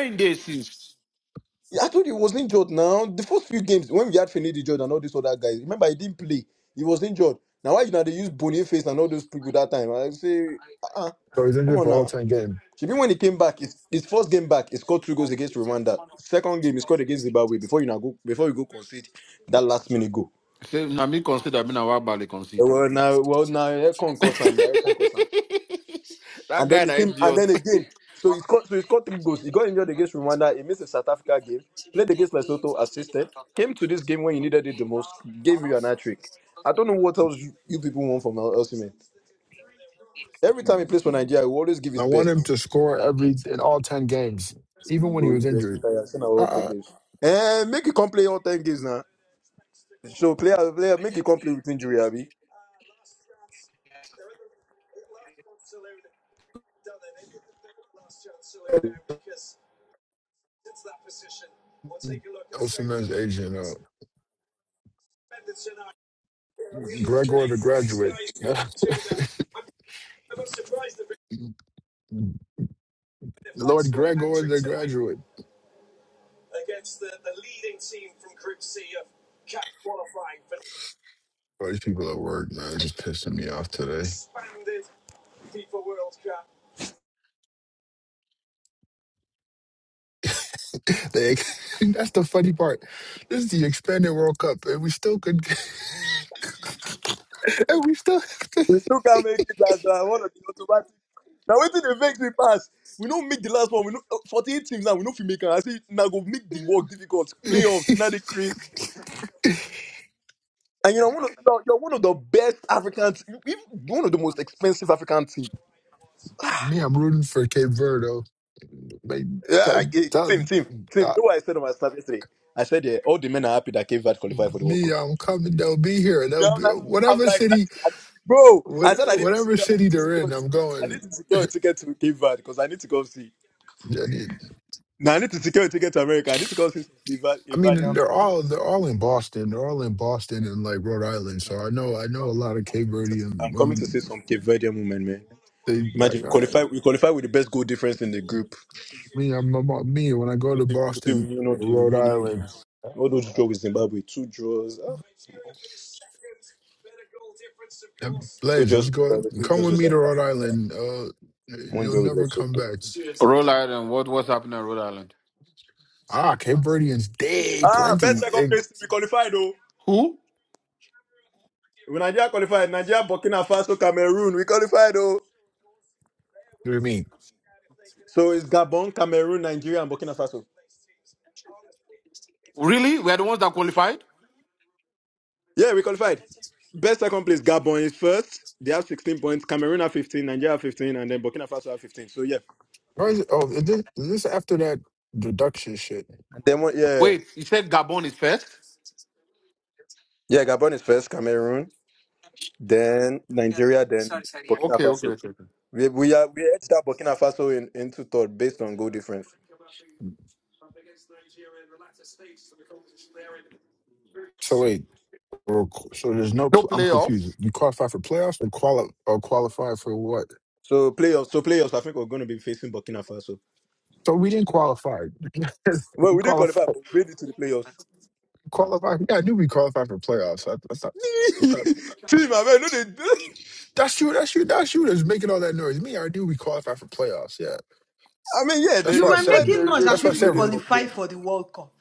Speaker 2: I told you he was injured now. The first few games when we had Finidi Jordan and all these other guys, remember he didn't play. He was injured. Now why you know they use Boniface and all those people that time? I say, uh uh
Speaker 6: So he's
Speaker 2: come
Speaker 6: injured
Speaker 2: on
Speaker 6: for all
Speaker 2: now.
Speaker 6: 10 games.
Speaker 2: Should be when he came back, his, his first game back, he scored two goals against Rwanda. Second game, he scored against Zimbabwe before you now go before you go concede that last minute goal.
Speaker 3: 0 Nami concede, I mean Awabale
Speaker 2: Eh,
Speaker 3: concede.
Speaker 2: Well now well now Ekon
Speaker 3: that
Speaker 2: Kosan. eh, come Kosan. And
Speaker 3: guy,
Speaker 2: then he
Speaker 3: that
Speaker 2: came, and
Speaker 3: idiot.
Speaker 2: then again. So he scored, so he scored three goals. He got injured against Rwanda. He missed the South Africa game. Played against Lesotho, assisted. Came to this game when you needed it the most. Gave you an hat trick. I don't know what else you, you people want from El Elsiman. Every time he plays for Nigeria, he will always give
Speaker 6: I
Speaker 2: his
Speaker 6: want
Speaker 2: best.
Speaker 6: him to score every in all 10 games, even
Speaker 2: You
Speaker 6: when he
Speaker 2: go,
Speaker 6: was
Speaker 2: you go
Speaker 6: injured.
Speaker 2: expect I have seen all ten
Speaker 6: Uh-uh.
Speaker 2: games. Eh, make you come play all ten games now. So player, player, make you come play with injury, Abby.
Speaker 6: Osimhen's Asian. Uh, Gregor the graduate. Lord Gregor the graduate. All these people at work, man, it's just pissing me off today. they, that's the funny part. This is the expanded World Cup, and we still could. and we still.
Speaker 2: We still can't make it as uh, one of the automatic. Now waiting the victory pass. We don't make the last one. We know 48 teams now. We know if we make I say now go make the work difficult. Playoffs, you know the craze. And you know one of you're, you're one of the best African te- you- are one of the most expensive African team.
Speaker 6: Me, I'm rooting for Cape Verde. Like,
Speaker 2: Yeah, I-
Speaker 6: that,
Speaker 2: eh, team,
Speaker 6: that,
Speaker 2: team, team. You
Speaker 6: that,
Speaker 2: know what I said on my staff yesterday? I said yeah, all the men are happy that Cape Verde qualified for the World
Speaker 6: me,
Speaker 2: Cup.
Speaker 6: I'm coming. They'll be here.
Speaker 2: Yeah,
Speaker 6: They'll
Speaker 2: I'm
Speaker 6: be
Speaker 2: like, I'm
Speaker 6: whatever
Speaker 2: like I
Speaker 6: city,
Speaker 2: need to, I need, bro.
Speaker 6: what,
Speaker 2: I said I need to
Speaker 6: whatever
Speaker 2: secure, I
Speaker 6: city
Speaker 2: need to
Speaker 6: they're
Speaker 2: secure
Speaker 6: in.
Speaker 2: a
Speaker 6: I'm
Speaker 2: ticket. I need to
Speaker 6: going.
Speaker 2: secure a ticket to Cape Verde because I need to go see.
Speaker 6: And it-
Speaker 2: Now I need to secure a ticket to America. I need to go see some Cape Verde,
Speaker 6: I
Speaker 2: Cape
Speaker 6: mean,
Speaker 2: Verdean
Speaker 6: they're all
Speaker 2: team.
Speaker 6: they're all in Boston. They're all in Boston and like Rhode Island. So I know I know a
Speaker 2: I'm
Speaker 6: lot
Speaker 2: coming,
Speaker 6: of
Speaker 2: I'm
Speaker 6: Cape
Speaker 2: coming to see.
Speaker 6: Verdean
Speaker 2: I'm coming to
Speaker 6: women.
Speaker 2: see some Cape Verdean women, man.
Speaker 6: They like
Speaker 2: Imagine we
Speaker 6: I,
Speaker 2: qualify. We qualify with the best goal difference in the group.
Speaker 6: me. I'm, I'm me when I go
Speaker 2: To
Speaker 6: to
Speaker 2: see, to
Speaker 6: Boston,
Speaker 2: see you
Speaker 6: uh,
Speaker 2: know the
Speaker 6: Rhode
Speaker 2: remaining
Speaker 6: Island.
Speaker 2: games. All those draws with Zimbabwe, two draws, ah,
Speaker 6: Yeah,
Speaker 2: two
Speaker 6: Blaze,
Speaker 2: draws
Speaker 6: let's
Speaker 2: with
Speaker 6: go.
Speaker 2: Zimbabwe, two
Speaker 6: Come
Speaker 2: draws
Speaker 6: with
Speaker 2: with
Speaker 6: me to
Speaker 2: South
Speaker 6: Rhode
Speaker 2: Africa,
Speaker 6: Island. Uh,
Speaker 2: one
Speaker 6: you'll
Speaker 2: draw with
Speaker 6: never come
Speaker 2: Lesotho.
Speaker 6: back.
Speaker 3: Rhode Island, what what's happening in Rhode Island?
Speaker 6: Ah, Cape Verdeans, day
Speaker 2: Ah,
Speaker 6: plenty.
Speaker 2: best
Speaker 6: Eh,
Speaker 2: second place. We qualified though.
Speaker 3: Who?
Speaker 2: When Nigeria qualified, Nigeria, Burkina Faso, Cameroon. We qualified though.
Speaker 6: what do you mean?
Speaker 2: So it's Gabon, Cameroon, Nigeria, and Burkina Faso.
Speaker 3: Really? We are the ones that qualified?
Speaker 2: Yeah, we qualified. Best second place, Gabon is first. They have 16 points. Cameroon have 15. Nigeria have 15, and then Burkina Faso have 15. So yeah.
Speaker 6: Why is it, oh, is this, is this after that deduction shit?
Speaker 2: Then what? Yeah,
Speaker 3: Wait, you said Gabon is first?
Speaker 2: yeah. Gabon is first, Cameroon, then Nigeria, then Burkina
Speaker 3: Okay, okay,
Speaker 2: Faso.
Speaker 3: okay. okay.
Speaker 2: We we are we edged out Burkina Faso in, into third based on goal difference.
Speaker 6: So wait, or- so there's no.
Speaker 3: No
Speaker 6: pl- I'm confused.
Speaker 3: playoffs.
Speaker 6: You qualify for playoffs and quali- or qualify for what?
Speaker 2: So playoffs, so playoffs. I think we're going to be facing Burkina Faso.
Speaker 6: So we didn't qualify.
Speaker 2: Well,
Speaker 6: we
Speaker 2: we didn't qualify, but
Speaker 6: qualify.
Speaker 2: we made it to the playoffs.
Speaker 6: Qualify. Yeah, I knew we qualified for playoffs. I, I thought.
Speaker 2: Team, I mean, no, they,
Speaker 6: That's you. That's you. That's you. That's making all that noise. Me, I already knew we qualified for playoffs. Yeah,
Speaker 2: I mean, yeah, there
Speaker 6: that's
Speaker 5: You
Speaker 6: why
Speaker 2: is
Speaker 6: I
Speaker 5: were
Speaker 2: fine.
Speaker 6: said.
Speaker 2: They
Speaker 5: making
Speaker 2: made
Speaker 5: noise
Speaker 2: it,
Speaker 5: as
Speaker 6: That's why I
Speaker 5: if
Speaker 2: we
Speaker 5: we
Speaker 6: said.
Speaker 2: made it
Speaker 6: we're-
Speaker 2: for
Speaker 5: qualify
Speaker 2: playoffs.
Speaker 5: for the World Cup.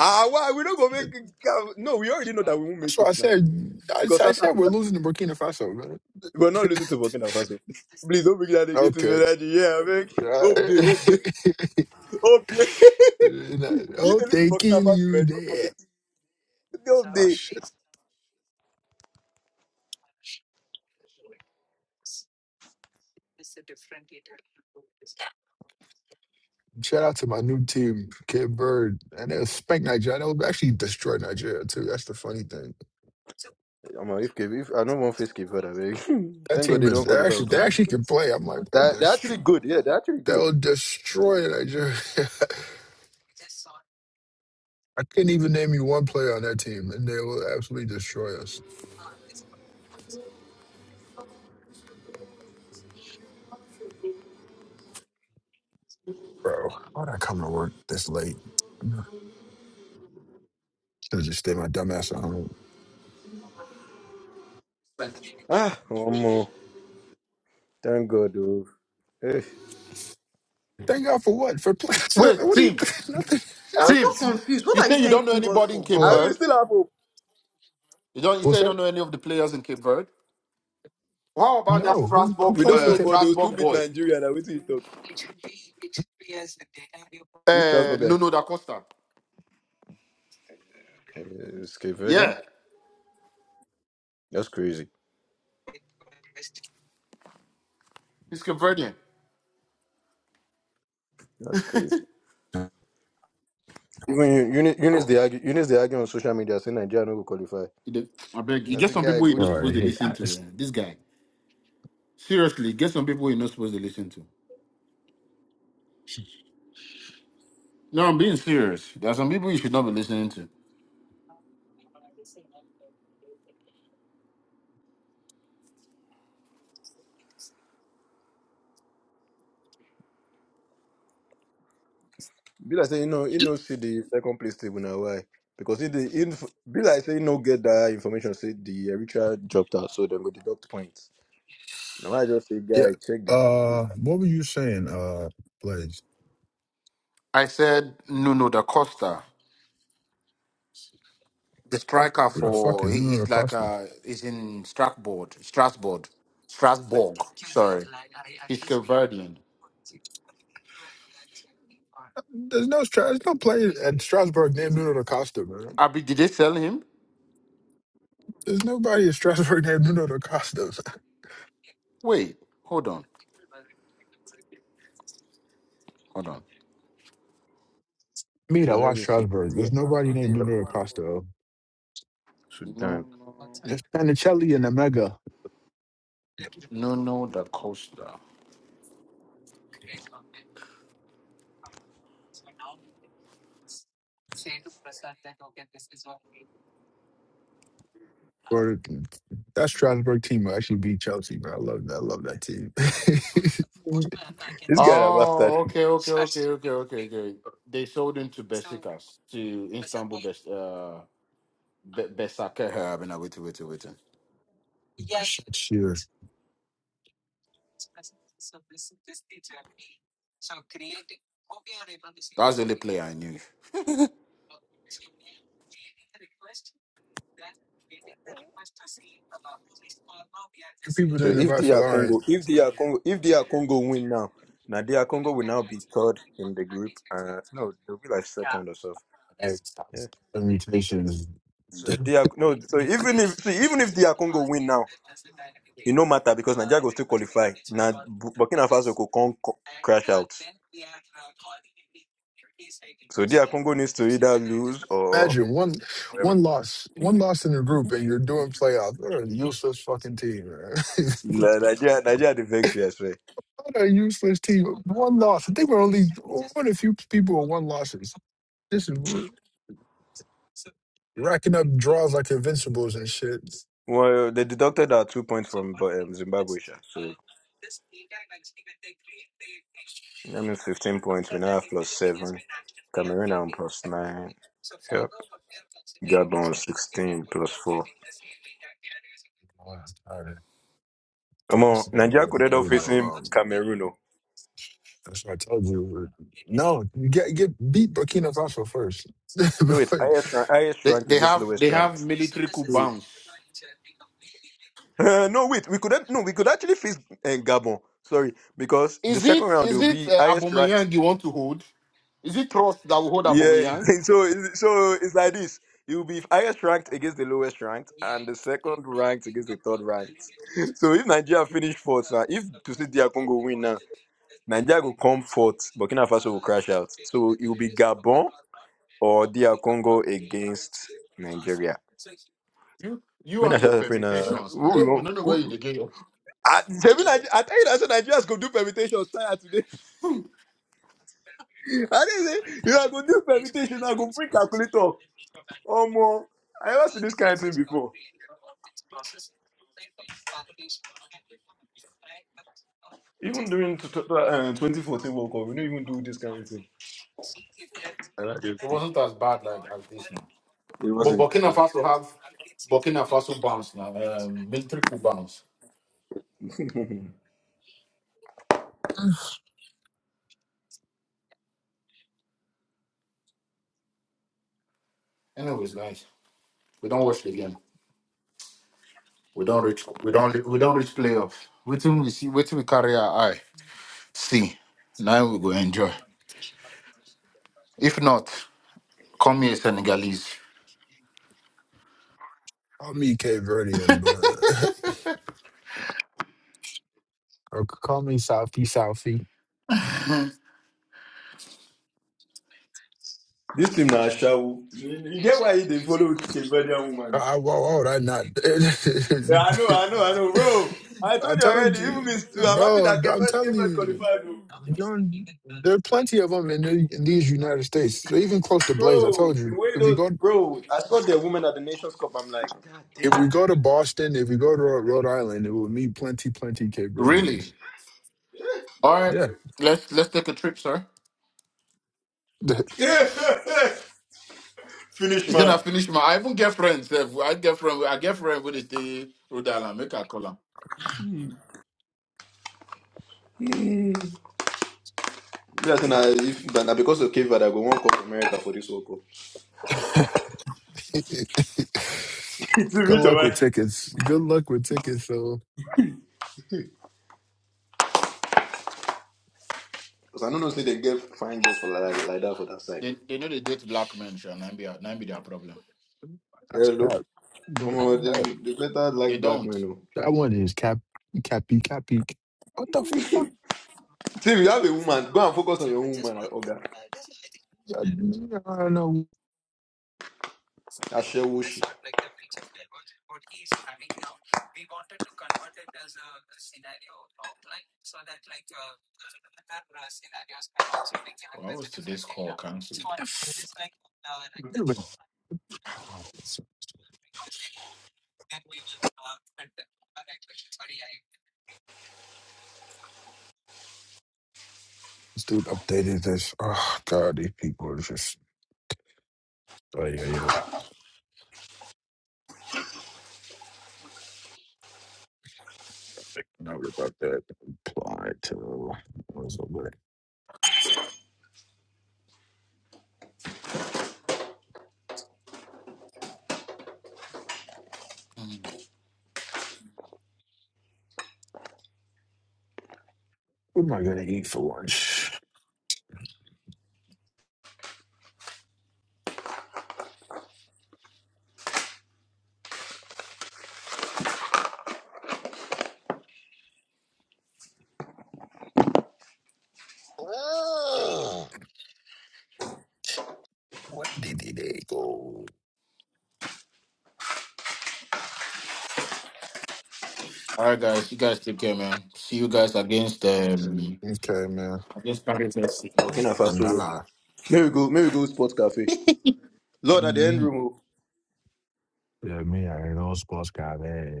Speaker 2: Ah, why we don't go make? it. ah, No, we already know that we won't
Speaker 6: That's
Speaker 2: make
Speaker 6: why I
Speaker 2: it now
Speaker 6: said. I,
Speaker 2: because
Speaker 6: I
Speaker 2: South
Speaker 6: said we're
Speaker 2: Africa.
Speaker 6: losing to Burkina Faso, man.
Speaker 2: We're not losing to Burkina Faso. Please don't bring that negative
Speaker 6: Okay.
Speaker 2: energy. Yeah, I mean, hope day, hope day. whole day. if
Speaker 6: oh,
Speaker 2: they lose to
Speaker 6: they
Speaker 2: Burkina
Speaker 6: kill
Speaker 2: Faso,
Speaker 6: you
Speaker 2: eh, just
Speaker 6: there.
Speaker 2: forget. The whole
Speaker 6: Oh
Speaker 2: day.
Speaker 6: shit! Shout out to my new team, Kid Bird, and they'll spank Nigeria. They'll actually destroy Nigeria too. That's the funny thing.
Speaker 2: Omo, if, Cape- if I don't want face Cape Verde, abeg.
Speaker 6: That
Speaker 2: Thank God
Speaker 6: team
Speaker 2: they
Speaker 6: is
Speaker 2: don't
Speaker 6: they
Speaker 2: qualify
Speaker 6: actually they
Speaker 2: automatically.
Speaker 6: actually can play. I'm like, they'll
Speaker 2: They're
Speaker 6: dest-
Speaker 2: actually good. Yeah, they're actually good.
Speaker 6: they'll destroy Nigeria. I couldn't even name you one player on that team, and they will absolutely destroy us. Bro, how'd I come to work this late? Should have just stayed my dumb ass at home.
Speaker 2: Ah, one more. Thank God. Oh. Eh.
Speaker 6: Thank God for what? For plays?
Speaker 3: Wait,
Speaker 6: What do you
Speaker 3: team,
Speaker 6: think? Nothing.
Speaker 2: I
Speaker 5: I'm
Speaker 2: mean,
Speaker 5: so
Speaker 3: team.
Speaker 5: confused. What
Speaker 3: You
Speaker 5: are
Speaker 3: say
Speaker 5: you
Speaker 3: you don't know
Speaker 5: thanking God
Speaker 3: anybody in
Speaker 5: for?
Speaker 3: Cape
Speaker 2: I
Speaker 6: what?
Speaker 2: mean, we
Speaker 3: Verde.
Speaker 2: still have hope.
Speaker 3: You don't. You say
Speaker 6: What's
Speaker 3: you
Speaker 6: up?
Speaker 3: don't know any of the players in Cape Verde. How about that
Speaker 6: No. Who who
Speaker 3: Strasbourg,
Speaker 2: We
Speaker 6: plays
Speaker 2: don't
Speaker 6: for
Speaker 3: uh,
Speaker 2: know,
Speaker 6: Cap?
Speaker 2: but they will still
Speaker 3: Strasbourg
Speaker 2: beat
Speaker 3: boy,
Speaker 2: Nigeria. Now, wait till you talk. Which
Speaker 3: uh,
Speaker 2: transfer guy?
Speaker 3: Nuno da Costa?
Speaker 2: Uh, it's Cape Verdean?
Speaker 3: Yeah,
Speaker 2: That's crazy.
Speaker 3: he's Cape Verdean.
Speaker 2: That's crazy. Even Eunice, Eunice, they argue, Eunice, they argue on social media saying Nigeria no go qualify.
Speaker 3: He dey- I beg you.
Speaker 2: I
Speaker 3: Get
Speaker 2: said,
Speaker 3: some
Speaker 2: guy,
Speaker 3: people you're
Speaker 2: go
Speaker 3: not
Speaker 2: check.
Speaker 6: Bro,
Speaker 3: supposed
Speaker 6: I
Speaker 3: to
Speaker 6: hate.
Speaker 3: listen
Speaker 6: I,
Speaker 3: to.
Speaker 6: it's,
Speaker 3: eh. This guy. Seriously, get some people you're not supposed to listen to. No, I'm being serious. There are some people you should not be listening to.
Speaker 2: Be like say you know, you know, see the second place table now why? Because if the inf- be like say you know, get that information, say the Eritrea dropped out, so then go deduct points. Now I just say,
Speaker 6: Yeah.
Speaker 2: guy, check it.
Speaker 6: Uh, what were you saying, uh, Blaze?
Speaker 3: I said Nuno da Costa. the striker
Speaker 6: Who the fuck
Speaker 3: for
Speaker 6: is
Speaker 3: he
Speaker 6: Nuno
Speaker 3: is like
Speaker 6: Acosta?
Speaker 3: uh is in Strasbourg, Strasbourg, Strasbourg. Sorry, he's Caverdian.
Speaker 6: There's no Stra- there's no player at Strasbourg named Nuno Acosta, man.
Speaker 3: Abi, did they sell him?
Speaker 6: There's nobody at Strasbourg named Nuno Acosta.
Speaker 3: Wait, hold on, hold on.
Speaker 6: Me
Speaker 2: So
Speaker 6: that
Speaker 2: let
Speaker 6: watch
Speaker 2: me see.
Speaker 6: Strasburg.
Speaker 2: Yeah.
Speaker 6: There's nobody
Speaker 2: If they
Speaker 6: named
Speaker 2: are
Speaker 6: Nuno
Speaker 2: Congo,
Speaker 6: Acosta.
Speaker 3: No,
Speaker 2: Sudan.
Speaker 3: no,
Speaker 6: There's Panicelli and Omega.
Speaker 3: no, no, the Costa.
Speaker 6: Or that Strasburg team will actually beat Chelsea, bro. I love that. I love that team.
Speaker 2: This guy a bastard.
Speaker 3: Oh, okay, okay, okay, okay, okay, okay. They sold him to Besiktas to Istanbul Bes uh Be- Besiktas. I have been waiting, waiting, waiting.
Speaker 6: sure.
Speaker 3: That's the only player I knew.
Speaker 6: The people
Speaker 2: So
Speaker 6: didn't
Speaker 2: if
Speaker 6: invite
Speaker 2: they are
Speaker 6: Lauren.
Speaker 2: Congo, if they are Congo, if they are Congo win now, now they are Congo will now be third in the group. Uh, no, they'll be like second or so. Yeah.
Speaker 6: Mutations.
Speaker 2: So they are no. So even if see, even if they are Congo win now. It no matter because Nigeria will still qualify. Now Burkina Faso could come crash out. So their Congo needs to either lose or
Speaker 6: Imagine one one loss, one loss in the group, and you're doing playoffs. What a useless fucking team, man.
Speaker 2: Na- Nigeria. Nigeria the vex we expect.
Speaker 6: What a useless team. One loss. I think we're only one of the few people with one losses. This is r- racking up draws like invincibles and shit.
Speaker 2: Well, they deducted our two points from Bu- um, Zimbabwe, sha. so that means fifteen points. We now have plus seven. Cameroon are on plus nine. Yep. Gabon on sixteen plus four.
Speaker 6: Wow, all right. Okay,
Speaker 2: Come
Speaker 6: This
Speaker 2: on,
Speaker 6: nigga
Speaker 2: Nigeria
Speaker 6: would
Speaker 2: could end
Speaker 6: not
Speaker 2: up
Speaker 6: leave me
Speaker 2: facing
Speaker 6: alone.
Speaker 2: Cameroon. oh.
Speaker 6: That's what I told you. We're- No, you get get beat Burkina Faso first.
Speaker 2: No, it's highest rank, highest
Speaker 3: They
Speaker 2: rank
Speaker 3: they
Speaker 2: against
Speaker 3: have
Speaker 2: lowest
Speaker 3: they
Speaker 2: rank.
Speaker 3: have military coup bounce.
Speaker 2: Uh, no, wait. We could act- no, we could actually face uh, Gabon. Sorry, because the
Speaker 3: Is
Speaker 2: second
Speaker 3: it
Speaker 2: round it
Speaker 3: is
Speaker 2: will
Speaker 3: it
Speaker 2: be
Speaker 3: uh,
Speaker 2: highest ranked.
Speaker 3: Aubameyang you want to hold? Is it trust that will hold
Speaker 2: Yeah.
Speaker 3: Aubameyang?
Speaker 2: So it's- so it's like this. It will be highest ranked against the lowest ranked, and the second ranked against the third ranked. So if Nigeria finish fourth, uh, if to see DR Congo win now, Nigeria will come fourth. Burkina Faso will crash out. So it will be Gabon or DR Congo against Nigeria.
Speaker 3: You you
Speaker 2: Me na
Speaker 3: and your
Speaker 2: shout out, pray na.
Speaker 3: permutations,
Speaker 2: who we
Speaker 3: man. I don't
Speaker 2: want-
Speaker 3: know where you
Speaker 2: who-
Speaker 3: dey get your. It
Speaker 2: I, Sebi Nige- I tell you that so Nigeria's gonna do permutations tired today. I didn't say you are going to do permutation. I go bring calculator. Oh more. I never see this kind of thing before. Even during t- t- uh, 2014 World Cup, we don't even do this kind of thing. And I just-
Speaker 3: wasn't as bad like as this now. But Burkina Faso have Burkina Faso bounce now. Um, military coup bounce. Anyways, guys, we don't watch the game. We don't reach. We don't. We don't reach playoff. Wait till we see. Wait till we carry our eye. See, now we go enjoy. If not, come here, Senegalese.
Speaker 6: I'll meet Cape Verde and uh, or call me Southie Southie.
Speaker 2: this team now show. You you get why they follow Cambodian
Speaker 6: Oh,
Speaker 2: woman.
Speaker 6: I, why why would I
Speaker 2: Yeah, I know, I know, I know,
Speaker 6: not?
Speaker 2: bro. I
Speaker 6: I
Speaker 2: told you
Speaker 6: told
Speaker 2: already.
Speaker 6: you,
Speaker 2: Even me too. I'm happy
Speaker 6: bro.
Speaker 2: that
Speaker 6: I'm
Speaker 2: Cambodian
Speaker 6: telling
Speaker 2: Cambodian
Speaker 6: you,
Speaker 2: qualified, oh.
Speaker 6: you don't. There are plenty of them in, the, in these United States. They're even close to Blaze. I
Speaker 2: bro.
Speaker 6: told
Speaker 2: The
Speaker 6: you,
Speaker 2: way
Speaker 6: if we
Speaker 2: those,
Speaker 6: go,
Speaker 2: bro. I saw the women at the Nations Cup. I'm like,
Speaker 6: if we go to Boston, if we go to Rhode Rhode Island, it will meet plenty, plenty Cape
Speaker 3: Really?
Speaker 6: Verdeans.
Speaker 3: All right.
Speaker 6: Yeah.
Speaker 3: Let's let's take a trip, sir. He
Speaker 2: finish
Speaker 3: said I
Speaker 2: man.
Speaker 3: finish my I even get friends. sef. I get friend I get friend with the Rhode Island, make a call 'em.
Speaker 2: Yes, na if that na because of Cape Verde, I go one come America for this whole cup. It's a
Speaker 6: Good
Speaker 2: bit of
Speaker 6: luck with
Speaker 2: a-
Speaker 6: tickets. Good luck with tickets. So
Speaker 2: Because I don't know say they get fine girls for like, like that for that side.
Speaker 3: They they know they date black men, sure, and be and be their problem.
Speaker 6: that's
Speaker 2: Hello.
Speaker 6: cap.
Speaker 2: Omo,
Speaker 6: That,
Speaker 2: they, they better
Speaker 3: They
Speaker 2: like black
Speaker 3: don't.
Speaker 2: men. Oh.
Speaker 6: that one is cap, cappy, cappy. What the fuck?
Speaker 2: See, if you have a woman, go and focus on your woman. like, Oga,
Speaker 6: I, I don't know.
Speaker 2: Ashewoshi,
Speaker 3: Why was today's call cancelled?
Speaker 6: What the fuck? Anyway, uh, This dude updated this. Oh god, these people are just oh yeah, yeah. Make a note about that. Apply to what's up it?
Speaker 3: Mm.
Speaker 6: What what am I gonna eat for lunch? Ah, what did they go?
Speaker 3: All right, guys. You guys take care, man. See you guys against um
Speaker 6: Okay, man.
Speaker 3: against Paris FC.
Speaker 2: Burkina Faso.
Speaker 6: Pangala.
Speaker 2: May we go, Maybe we go sports cafe. Lord at the end
Speaker 6: Mm,
Speaker 2: room. oh.
Speaker 6: Yeah, me, I ain't no sports guy, man.